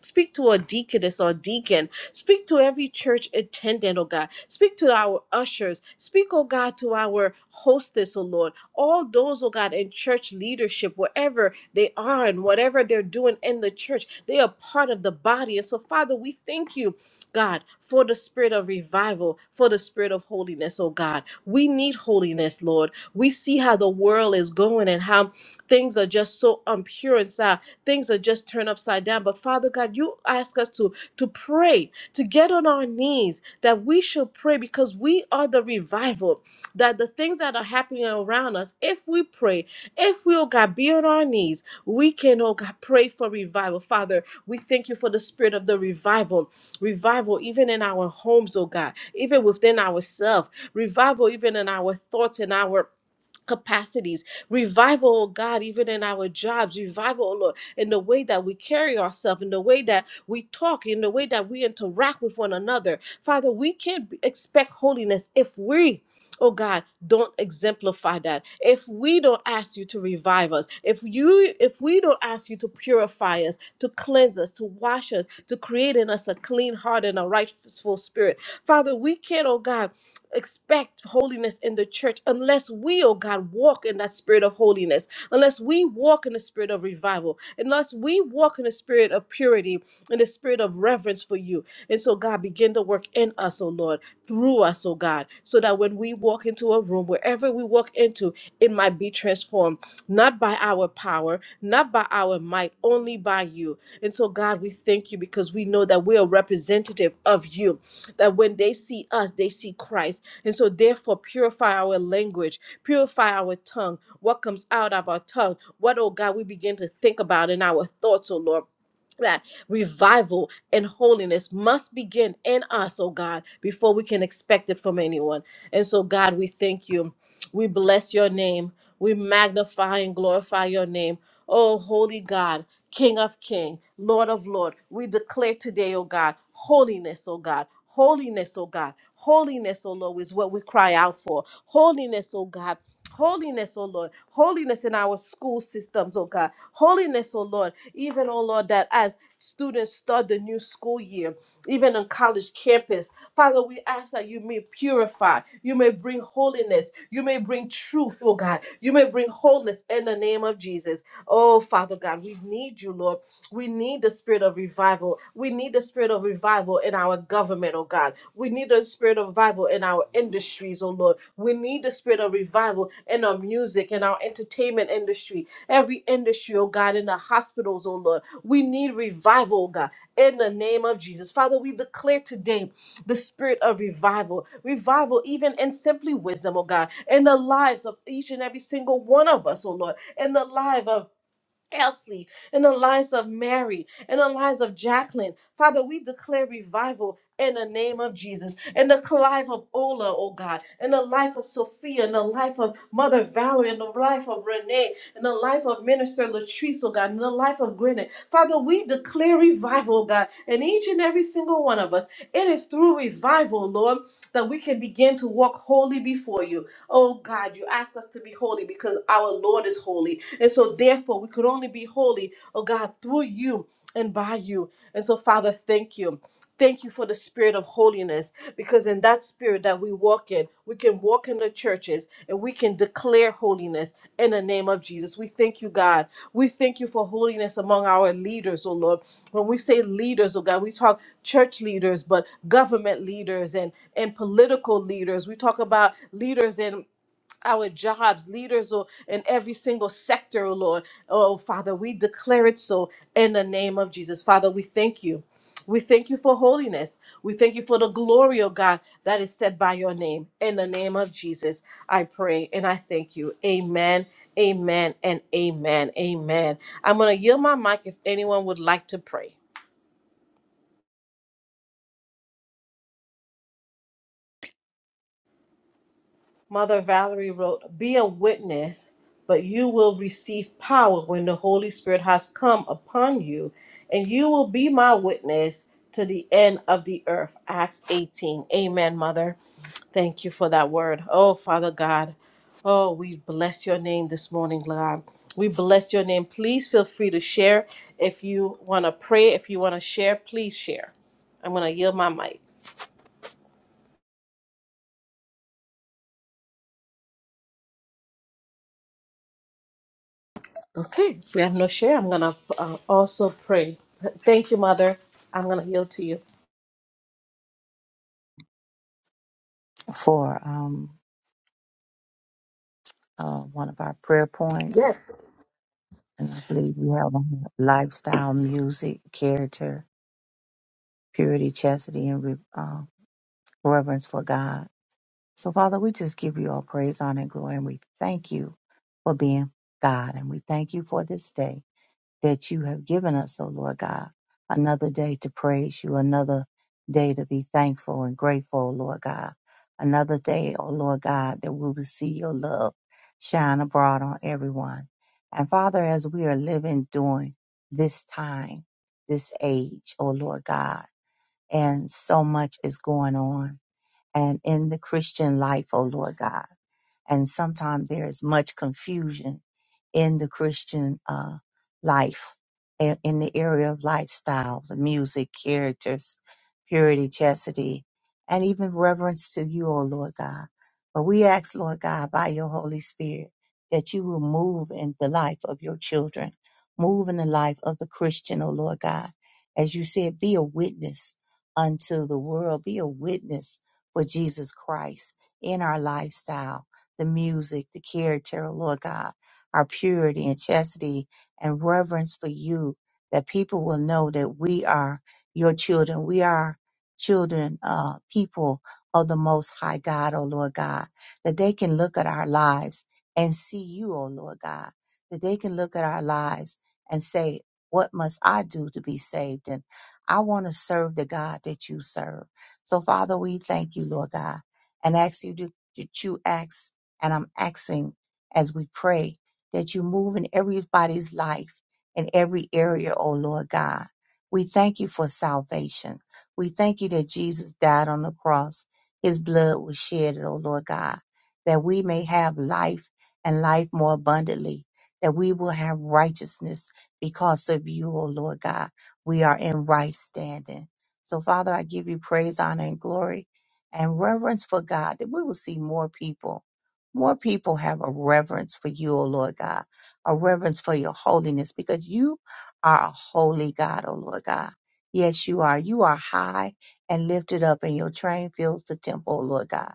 A: Speak to our deaconess or deacon. Speak to every church attendant, oh God. Speak to our ushers. Speak, oh God, to our hostess, oh Lord. All those, oh God, in church leadership, wherever they are and whatever they're doing in the church, they are part of the body. And so, Father, we thank you. God, for the spirit of revival, for the spirit of holiness, oh God. We need holiness, Lord. We see how the world is going and how things are just so impure inside. Things are just turned upside down. But Father God, you ask us to to pray, to get on our knees, that we should pray because we are the revival. That the things that are happening around us, if we pray, if we, oh God, be on our knees, we can, oh God, pray for revival. Father, we thank you for the spirit of the revival. Revival, even in our homes, oh God, even within ourselves. Revival, even in our thoughts and our capacities. Revival, oh God, even in our jobs, revival, oh Lord, in the way that we carry ourselves, in the way that we talk, in the way that we interact with one another. Father, we can't expect holiness if we Oh God, don't exemplify that. If we don't ask you to revive us, if you if we don't ask you to purify us, to cleanse us, to wash us, to create in us a clean heart and a rightful spirit. Father, we can't, oh God, expect holiness in the church unless we, oh God, walk in that spirit of holiness, unless we walk in the spirit of revival, unless we walk in the spirit of purity, in the spirit of reverence for you. And so, God, begin to work in us, oh Lord, through us, oh God, so that when we walk into a room, wherever we walk into, it might be transformed, not by our power, not by our might, only by you. And so, God, we thank you because we know that we are representative of you, that when they see us, they see Christ and so, therefore, purify our language, purify our tongue, what comes out of our tongue, what, oh God, we begin to think about in our thoughts, oh Lord. That revival and holiness must begin in us, oh God, before we can expect it from anyone. And so, God, we thank you. We bless your name. We magnify and glorify your name. Oh, holy God. King of King, Lord of Lord. We declare today, oh God, holiness, oh God. Holiness, oh God. Holiness, oh Lord, is what we cry out for. Holiness, oh God. Holiness, oh Lord. Holiness in our school systems, oh God. Holiness, oh Lord. Even, oh Lord, that as students start the new school year, even on college campus, Father, we ask that you may purify, you may bring holiness, you may bring truth, oh God. You may bring wholeness in the name of Jesus. Oh, Father God, we need you, Lord. We need the spirit of revival. We need the spirit of revival in our government, oh God. We need the spirit of revival in our industries, oh Lord. We need the spirit of revival in our music, in our entertainment industry, every industry, oh God, in the hospitals, oh Lord. We need revival, oh God, in the name of Jesus. Father, we declare today the spirit of revival, revival even in simply wisdom, oh God, in the lives of each and every single one of us, oh Lord, in the life of Elsley, in the lives of Mary, in the lives of Jacqueline. Father, we declare revival in the name of Jesus, in the life of Ola, oh God, in the life of Sophia, in the life of Mother Valerie, in the life of Renee, in the life of Minister Latrice, oh God, in the life of Gwyneth. Father, we declare revival, oh God, in each and every single one of us. It is through revival, Lord, that we can begin to walk holy before you. Oh God, you ask us to be holy because our Lord is holy. And so, therefore, we could only be holy, oh God, through you and by you. And so, Father, thank you. Thank you for the spirit of holiness because in that spirit that we walk in, we can walk in the churches and we can declare holiness in the name of Jesus. We thank you, God. We thank you for holiness among our leaders, oh Lord when we say leaders, oh God, we talk church leaders, but government leaders and and political leaders. We talk about leaders in our jobs, leaders or in every single sector, oh Lord. Oh Father, we declare it so in the name of Jesus. Father, we thank you. We thank you for holiness. We thank you for the glory, oh God, that is said by your name. In the name of Jesus, I pray and I thank you. Amen, amen, and amen, amen. I'm going to yield my mic if anyone would like to pray. Mother Valerie wrote, Be a witness, but you will receive power when the Holy Spirit has come upon you, and you will be my witness to the end of the earth. Acts 18. Amen, Mother. Thank you for that word. Oh, Father God. Oh, we bless your name this morning, God. We bless your name. Please feel free to share. If you want to pray, if you want to share, please share. I'm going to yield my mic. Okay, if we have no share, I'm going to uh, also pray. Thank you, Mother. I'm going to yield to you.
B: For um uh, one of our prayer points,
A: Yes.
B: and I believe we have on lifestyle, music, character, purity, chastity, and re- uh, reverence for God. So, Father, we just give you all praise, honor, and glory, and we thank you for being God. And we thank you for this day that you have given us, oh Lord God. Another day to praise you, another day to be thankful and grateful, oh Lord God. Another day, O Lord God, that we will see your love shine abroad on everyone. And Father, as we are living during this time, this age, O Lord God, and so much is going on and in the Christian life, oh Lord God. And sometimes there is much confusion in the Christian uh, life, in, in the area of lifestyle, the music, characters, purity, chastity, and even reverence to you, O Lord God. But we ask, Lord God, by your Holy Spirit, that you will move in the life of your children, move in the life of the Christian, O Lord God. As you said, be a witness unto the world, be a witness for Jesus Christ in our lifestyle the music, the character, oh Lord God, our purity and chastity and reverence for you, that people will know that we are your children. We are children, uh, people of the Most High God, oh Lord God, that they can look at our lives and see you, oh Lord God, that they can look at our lives and say, what must I do to be saved? And I want to serve the God that you serve. So, Father, we thank you, Lord God, and ask you to, that you act and I'm asking as we pray that you move in everybody's life in every area, oh Lord God. We thank you for salvation. We thank you that Jesus died on the cross. His blood was shed, oh Lord God, that we may have life and life more abundantly, that we will have righteousness because of you, oh Lord God. We are in right standing. So, Father, I give you praise, honor, and glory and reverence for God, that we will see more people more people have a reverence for you, O Lord God, a reverence for your holiness, because you are a holy God, O Lord God. Yes, you are. You are high and lifted up, and your train fills the temple, O Lord God.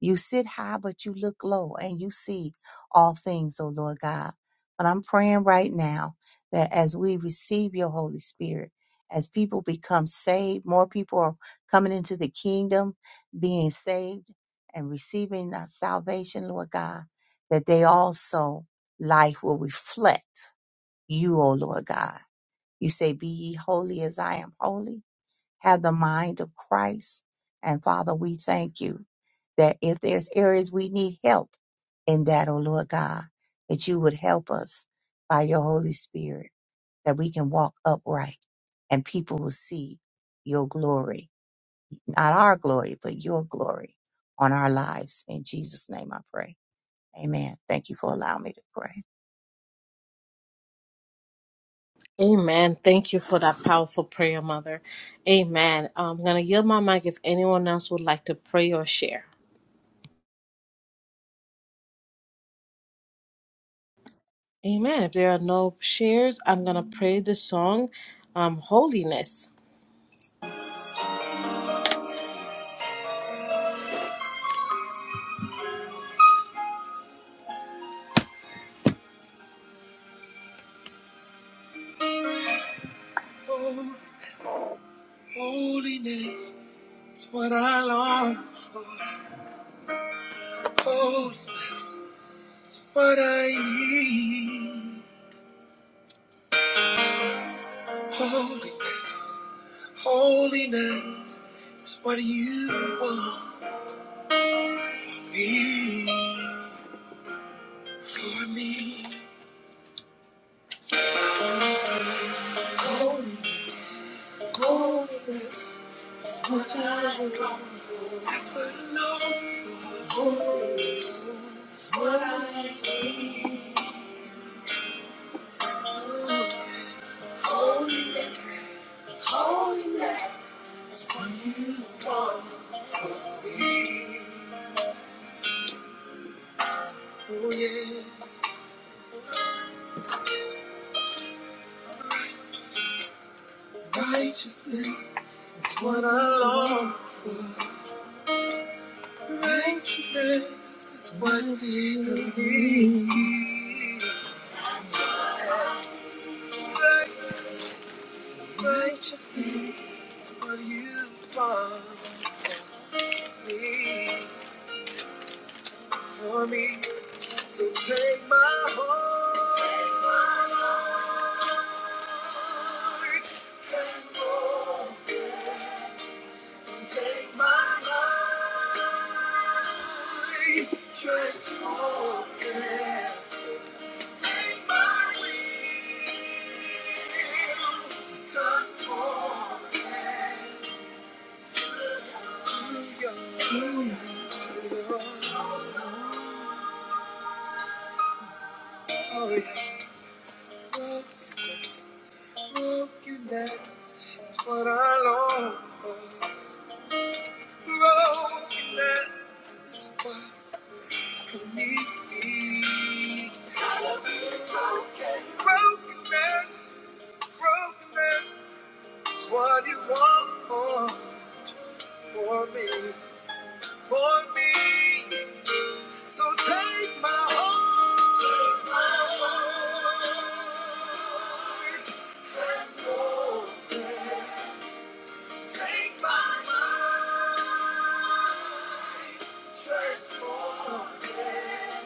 B: You sit high, but you look low, and you see all things, O Lord God. But I'm praying right now that as we receive your Holy Spirit, as people become saved, more people are coming into the kingdom, being saved and receiving that salvation, Lord God, that they also life will reflect you, O Lord God. You say, Be ye holy as I am holy. Have the mind of Christ. And Father, we thank you that if there's areas we need help in that, O Lord God, that you would help us by your Holy Spirit, that we can walk upright and people will see your glory not our glory, but your glory on our lives. In Jesus' name I pray. Amen. Thank you for allowing me to pray.
A: Amen. Thank you for that powerful prayer, Mother. Amen. I'm going to yield my mic if anyone else would like to pray or share. Amen. If there are no shares, I'm going to pray the song, um, Holiness. Oh, holiness, it's what I long. Holiness, it's what I need. Holiness, holiness it's what you want me for me. Holy, holiness is what I want. That's what I know. Oh yeah, righteousness is what I long. Righteousness is what I need. Right- Righteousness is what you want. me. for me. So take my heart. and Lord, Take my life, Transform it. Take my will. Come to your, to your Brokenness, brokenness is what I long for. Brokenness is what I need. Brokenness, brokenness is what you want for, for me, for me. So take my heart. Take my heart. Take my mind, transform it.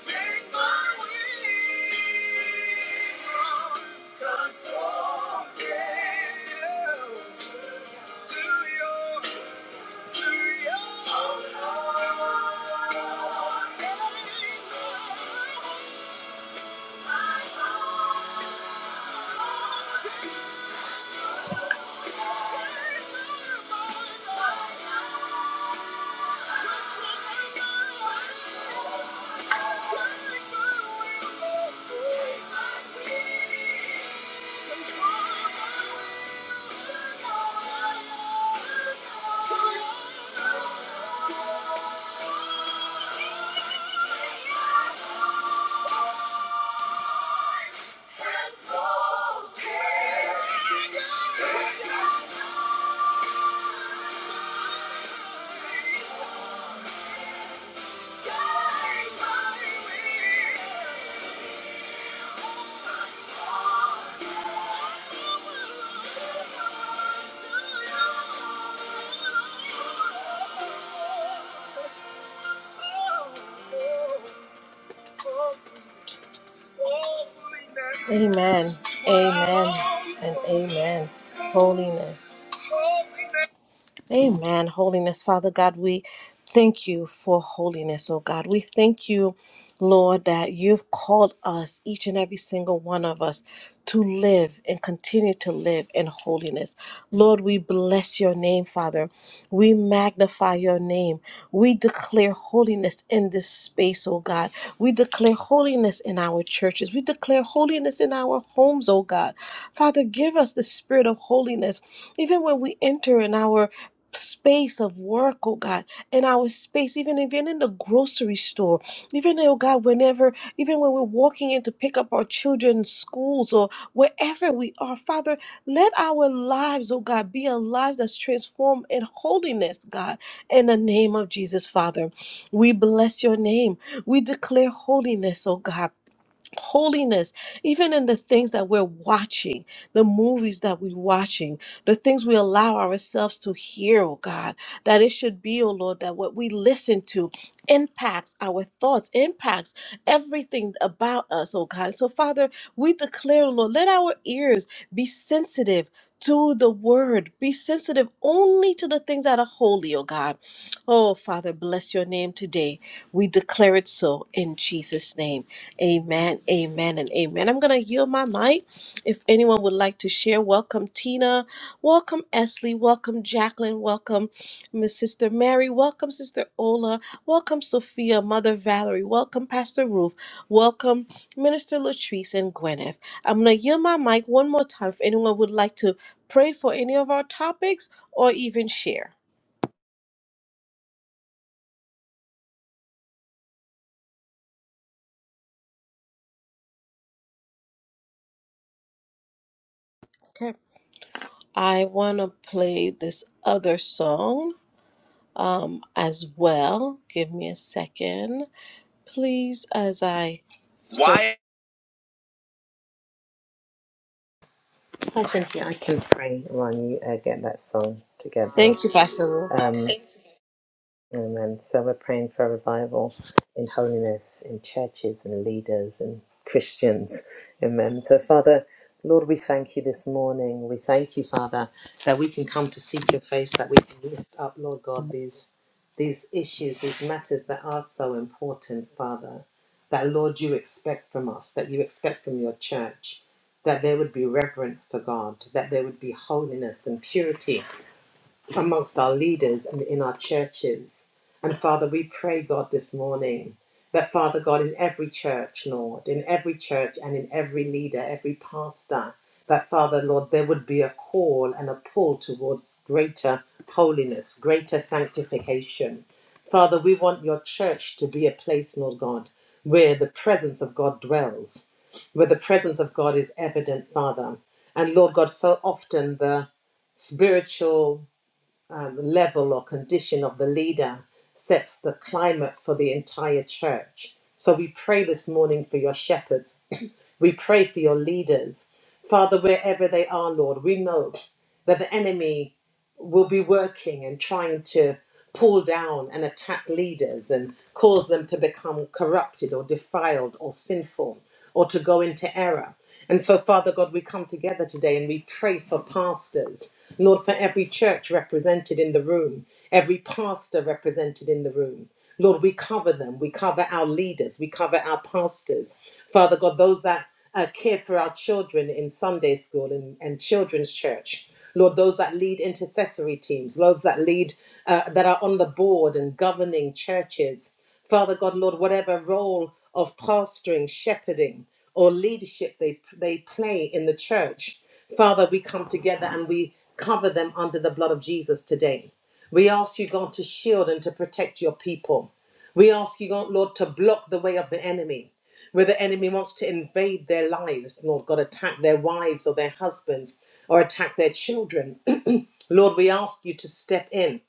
A: Take my will, conform it to yours, to yours. Oh, Lord, take my mind. my heart. Yeah. Amen. Amen. And amen. Holiness. Amen. Holiness, Father God, we thank you for holiness, oh God. We thank you, Lord, that you've called us, each and every single one of us, to live and continue to live in holiness. Lord, we bless your name, Father. We magnify your name. We declare holiness in this space, oh God. We declare holiness in our churches. We declare holiness in our homes, oh God. Father, give us the spirit of holiness even when we enter in our space of work, oh God, in our space, even even in the grocery store, even oh God, whenever, even when we're walking in to pick up our children's schools or wherever we are, Father, let our lives, oh God, be a life that's transformed in holiness, God, in the name of Jesus, Father. We bless your name. We declare holiness, oh God holiness even in the things that we're watching the movies that we're watching the things we allow ourselves to hear oh god that it should be oh lord that what we listen to impacts our thoughts impacts everything about us oh god so father we declare oh lord let our ears be sensitive to the word be sensitive only to the things that are holy oh god oh father bless your name today we declare it so in jesus name Amen, amen, and amen. I'm going to yield my mic. If anyone would like to share, welcome Tina, welcome Esley, welcome Jacqueline, welcome Miss Sister Mary, welcome Sister Ola, welcome Sophia, Mother Valerie, welcome Pastor Ruth, welcome Minister Latrice and Gwyneth. I'm going to yield my mic one more time if anyone would like to pray for any of our topics or even share. Okay. I want to play this other song. um, as well. Give me a second, please, as I Why?
D: I think I can pray while you uh, get that song together.
A: Thank you, Pastor Roof.
D: Um, Amen. So we're praying for revival in holiness, in churches and leaders and Christians. Amen. So, Father, Lord, we thank you this morning. We thank you, Father, that we can come to seek your face, that we can lift up, Lord God, these, these issues, these matters that are so important, Father, that, Lord, you expect from us, that you expect from your church, that there would be reverence for God, that there would be holiness and purity amongst our leaders and in our churches. And Father, we pray, God, this morning that, Father God, in every church, Lord, in every church and in every leader, every pastor, that, Father, Lord, there would be a call and a pull towards greater holiness, greater sanctification. Father, we want your church to be a place, Lord God, where the presence of God dwells, where the presence of God is evident, Father. And Lord God, so often the spiritual um, level or condition of the leader sets the climate for the entire church. So we pray this morning for your shepherds we pray for your leaders. Father, wherever they are, Lord, we know that the enemy will be working and trying to pull down and attack leaders and cause them to become corrupted or defiled or sinful or to go into error. And so, Father God, we come together today and we pray for pastors, Lord, for every church represented in the room, every pastor represented in the room. Lord, we cover them. We cover our leaders. We cover our pastors. Father God, those that uh, care for our children in Sunday school and, and children's church. Lord, those that lead intercessory teams, those that lead, uh, that are on the board and governing churches. Father God, Lord, whatever role of pastoring, shepherding, or leadership they, they play in the church, Father, we come together and we cover them under the blood of Jesus today. We ask you, God, to shield and to protect your people. We ask you, God, Lord, to block the way of the enemy where the enemy wants to invade their lives, Lord God, attack their wives or their husbands or attack their children. Lord, we ask you to step in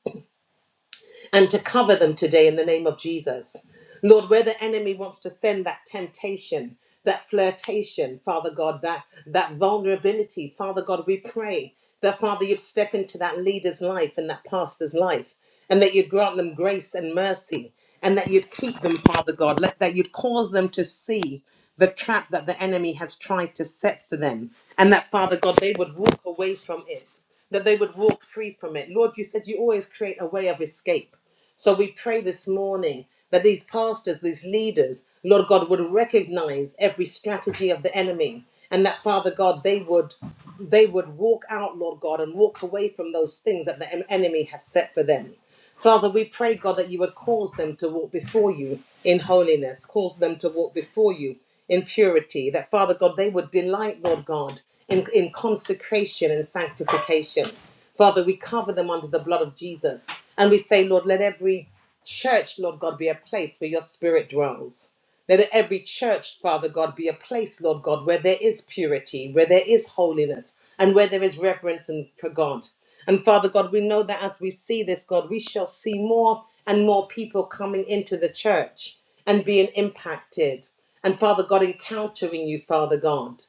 D: and to cover them today in the name of Jesus. Lord, where the enemy wants to send that temptation, that flirtation, Father God, that, that vulnerability, Father God, we pray that, Father, you'd step into that leader's life and that pastor's life, and that you'd grant them grace and mercy, and that you'd keep them, Father God, let, that you'd cause them to see the trap that the enemy has tried to set for them, and that, Father God, they would walk away from it that they would walk free from it. Lord, you said you always create a way of escape. So we pray this morning that these pastors, these leaders, Lord God, would recognize every strategy of the enemy and that Father God, they would they would walk out, Lord God, and walk away from those things that the en- enemy has set for them. Father, we pray, God, that you would cause them to walk before you in holiness, cause them to walk before you in purity, that Father God, they would delight, Lord God, in, in consecration and sanctification. Father, we cover them under the blood of Jesus. And we say, Lord, let every church, Lord God, be a place where your spirit dwells. Let every church, Father God, be a place, Lord God, where there is purity, where there is holiness, and where there is reverence and for God. And Father God, we know that as we see this, God, we shall see more and more people coming into the church and being impacted. And Father God, encountering you, Father God.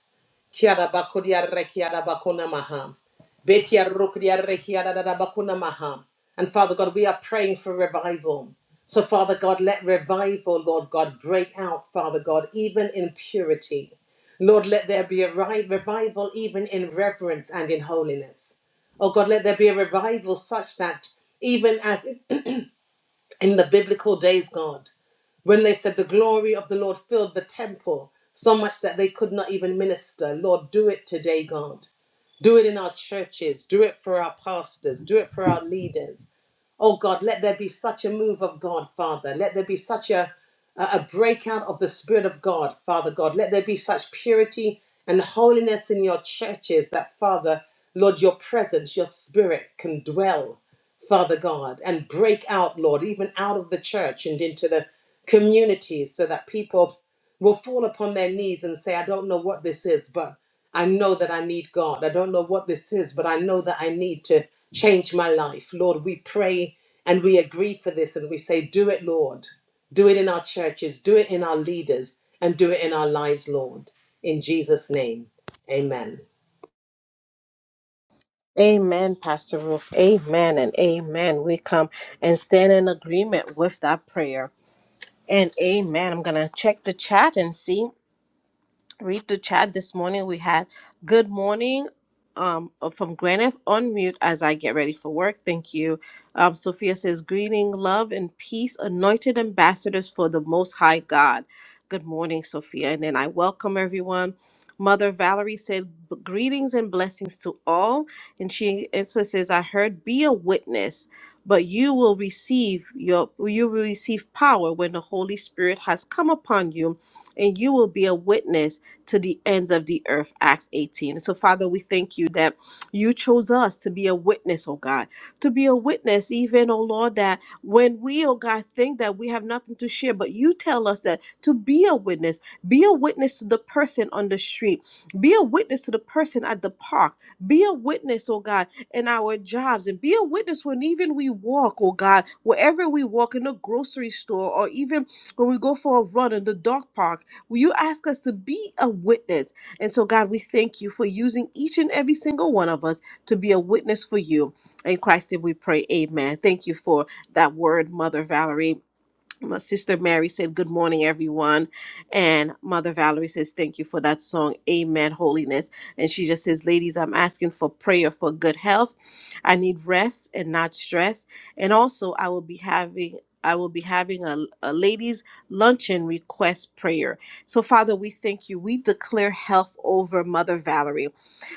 D: Kiara bakodia rekiara bakuna maham, Betia rokodia rekiara da da bakuna maham. And Father God, we are praying for revival. So Father God, let revival, Lord God, break out, Father God, even in purity. Lord, let there be a ri- revival even in reverence and in holiness. Oh God, let there be a revival such that even as in the biblical days, God when they said the glory of the Lord filled the temple so much that they could not even minister. Lord, do it today, God. Do it in our churches. Do it for our pastors. Do it for our leaders. Oh God, let there be such a move of God, Father. Let there be such a, a breakout of the Spirit of God, Father God. Let there be such purity and holiness in your churches that, Father, Lord, your presence, your Spirit can dwell, Father God, and break out, Lord, even out of the church and into the communities so that people will fall upon their knees and say, I don't know what this is, but I know that I need God. I don't know what this is, but I know that I need to change my life. Lord, we pray and we agree for this and we say, Do it, Lord. Do it in our churches, do it in our leaders, and do it in our lives, Lord. In Jesus' name, amen.
A: Amen, Pastor Roof. Amen and amen. We come and stand in agreement with that prayer. And amen. I'm going to check the chat and see. read the chat this morning. We had good morning um, uh, from Gwyneth. Unmute as I get ready for work. Thank you. Um, Sophia says, Greeting, love, and peace, anointed ambassadors for the Most High God. Good morning, Sophia. And then I welcome everyone. Mother Valerie said, "B- Greetings and blessings to all. And she also says, I heard, be a witness. But you will receive your you will receive power when the Holy Spirit has come upon you, and you will be a witness to the ends of the earth. Acts 18. So, Father, we thank you that you chose us to be a witness, oh God, to be a witness, even, oh Lord, that when we, oh God, think that we have nothing to share, but you tell us that to be a witness, be a witness to the person on the street, be a witness to the person at the park, be a witness, oh God, in our jobs, and be a witness when even we walk, oh God, wherever we walk in the grocery store or even when we go for a run in the dog park you ask us to be a witness. And so, God, we thank you for using each and every single one of us to be a witness for you. In Christ, did we pray, Amen. Thank you for that word, Mother Valerie my sister Mary said, Good morning, everyone. And Mother Valerie says, Thank you for that song, Amen, Holiness. And she just says, Ladies, I'm asking for prayer for good health. I need rest and not stress. And also, I will be having. I will be having a, a ladies' luncheon request prayer. So, Father, we thank you. We declare health over Mother Valerie.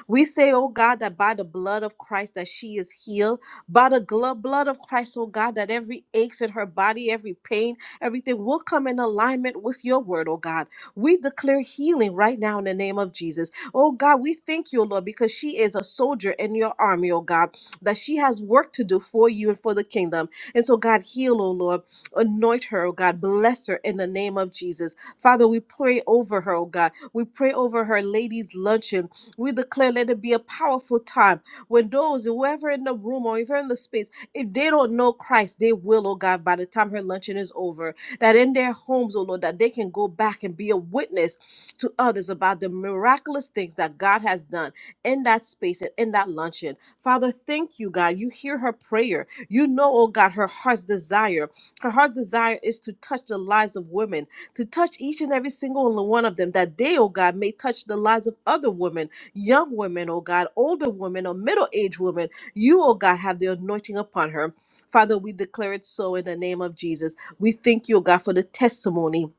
A: We say, oh God, that by the blood of Christ that she is healed. By the glo- blood of Christ, oh God, that every aches in her body, every pain, everything will come in alignment with your word, oh God. We declare healing right now in the name of Jesus. Oh God, we thank you, Lord, because she is a soldier in your army, oh God, that she has work to do for you and for the kingdom. And so, God, heal, oh Lord. Anoint her, oh God. Bless her in the name of Jesus. Father, we pray over her, oh God. We pray over her ladies' luncheon. We declare let it be a powerful time when those, whoever in the room or even in the space, if they don't know Christ, they will, oh God, by the time her luncheon is over, that in their homes, oh Lord, that they can go back and be a witness to others about the miraculous things that God has done in that space and in that luncheon. Father, thank you, God. You hear her prayer. You know, oh God, her heart's desire. Her heart desire is to touch the lives of women, to touch each and every single one of them, that they, oh God, may touch the lives of other women young women, oh God, older women, or middle aged women. You, oh God, have the anointing upon her. Father, we declare it so in the name of Jesus. We thank you, oh God, for the testimony.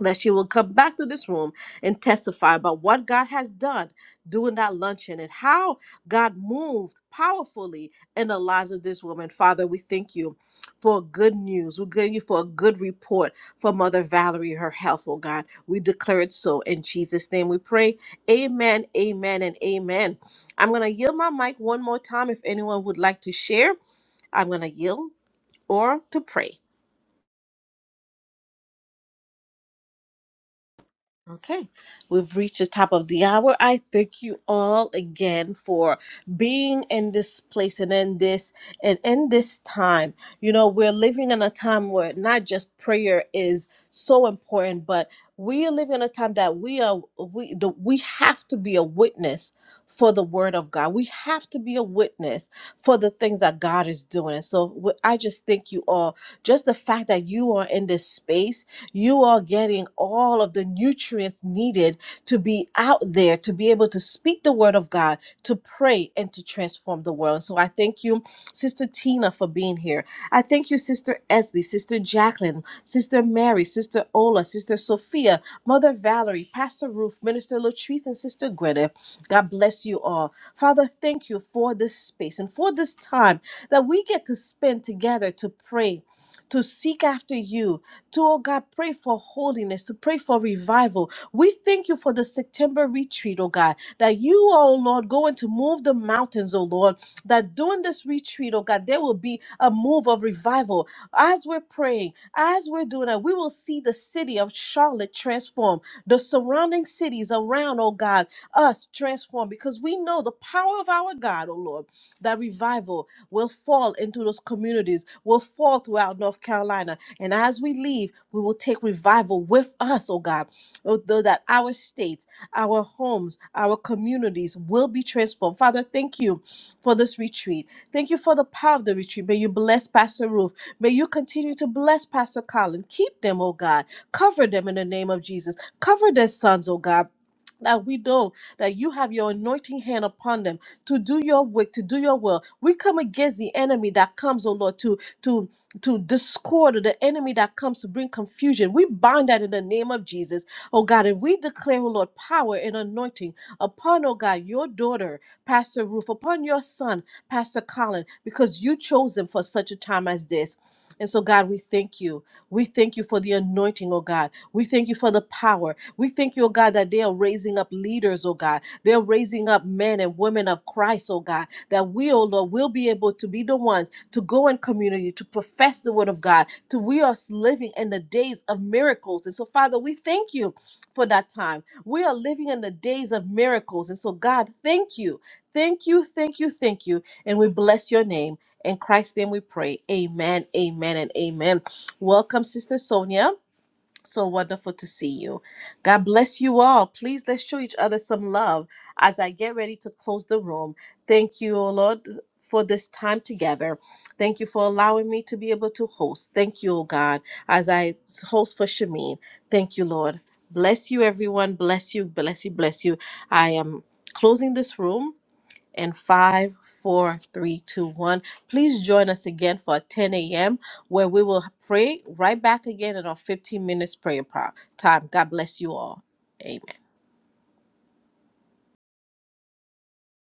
A: That she will come back to this room and testify about what God has done during that luncheon and how God moved powerfully in the lives of this woman. Father, we thank you for good news. We thank you for a good report for Mother Valerie, her health, oh God. We declare it so. In Jesus' name we pray. Amen, amen, and amen. I'm going to yield my mic one more time if anyone would like to share. I'm going to yield or to pray. Okay, we've reached the top of the hour. I thank you all again for being in this place and in this and in this time. You know, we're living in a time where not just prayer is so important, but we are living in a time that we are we the, we have to be a witness for the word of God. We have to be a witness for the things that God is doing. And so wh- I just thank you all. Just the fact that you are in this space you are getting all of the nutrients needed to be out there, to be able to speak the word of God, to pray, and to transform the world. So I thank you, Sister Tina, for being here. I thank you, Sister Esley, Sister Jacqueline, Sister Mary, Sister Ola, Sister Sophia, Mother Valerie, Pastor Ruth, Minister Latrice, and Sister Gwyneth. God bless you all. Father, thank you for this space and for this time that we get to spend together to pray. To seek after you, to, oh God, pray for holiness, to pray for revival. We thank you for the September retreat, oh God, that you, oh Lord, going to move the mountains, oh Lord, that during this retreat, oh God, there will be a move of revival. As we're praying, as we're doing that, we will see the city of Charlotte transform, the surrounding cities around, oh God, us transform, because we know the power of our God, oh Lord, that revival will fall into those communities, will fall throughout North Carolina and as we leave, we will take revival with us, oh God, Oh, though that our states, our homes, our communities will be transformed. Father, thank you for this retreat. Thank you for the power of the retreat. May you bless Pastor Ruth. May you continue to bless Pastor Colin. Keep them, oh God. Cover them in the name of Jesus. Cover their sons, oh God. That we know that you have your anointing hand upon them to do your work, to do your will. We come against the enemy that comes, oh Lord, to to to discord or the enemy that comes to bring confusion. We bind that in the name of Jesus, oh God, and we declare, oh Lord, power and anointing upon, oh God, your daughter, Pastor Ruth, upon your son, Pastor Colin, because you chose them for such a time as this. And so, God, we thank you. We thank you for the anointing, oh God. We thank you for the power. We thank you, oh God, that they are raising up leaders, oh God. They're raising up men and women of Christ, oh God, that we, oh Lord, will be able to be the ones to go in community, to profess the word of God, to we are living in the days of miracles. And so, Father, we thank you for that time. We are living in the days of miracles. And so, God, thank you. Thank you, thank you, thank you. And we bless your name. In Christ's name we pray. Amen, amen, and amen. Welcome, Sister Sonia. So wonderful to see you. God bless you all. Please let's show each other some love as I get ready to close the room. Thank you, O Lord, for this time together. Thank you for allowing me to be able to host. Thank you, O God, as I host for Shamin. Thank you, Lord. Bless you, everyone. Bless you, bless you, bless you. I am closing this room and five, four, three, two, one. Please join us again for 10 a.m. where we will pray right back again in our 15 minutes prayer pro- time. God bless you all. Amen.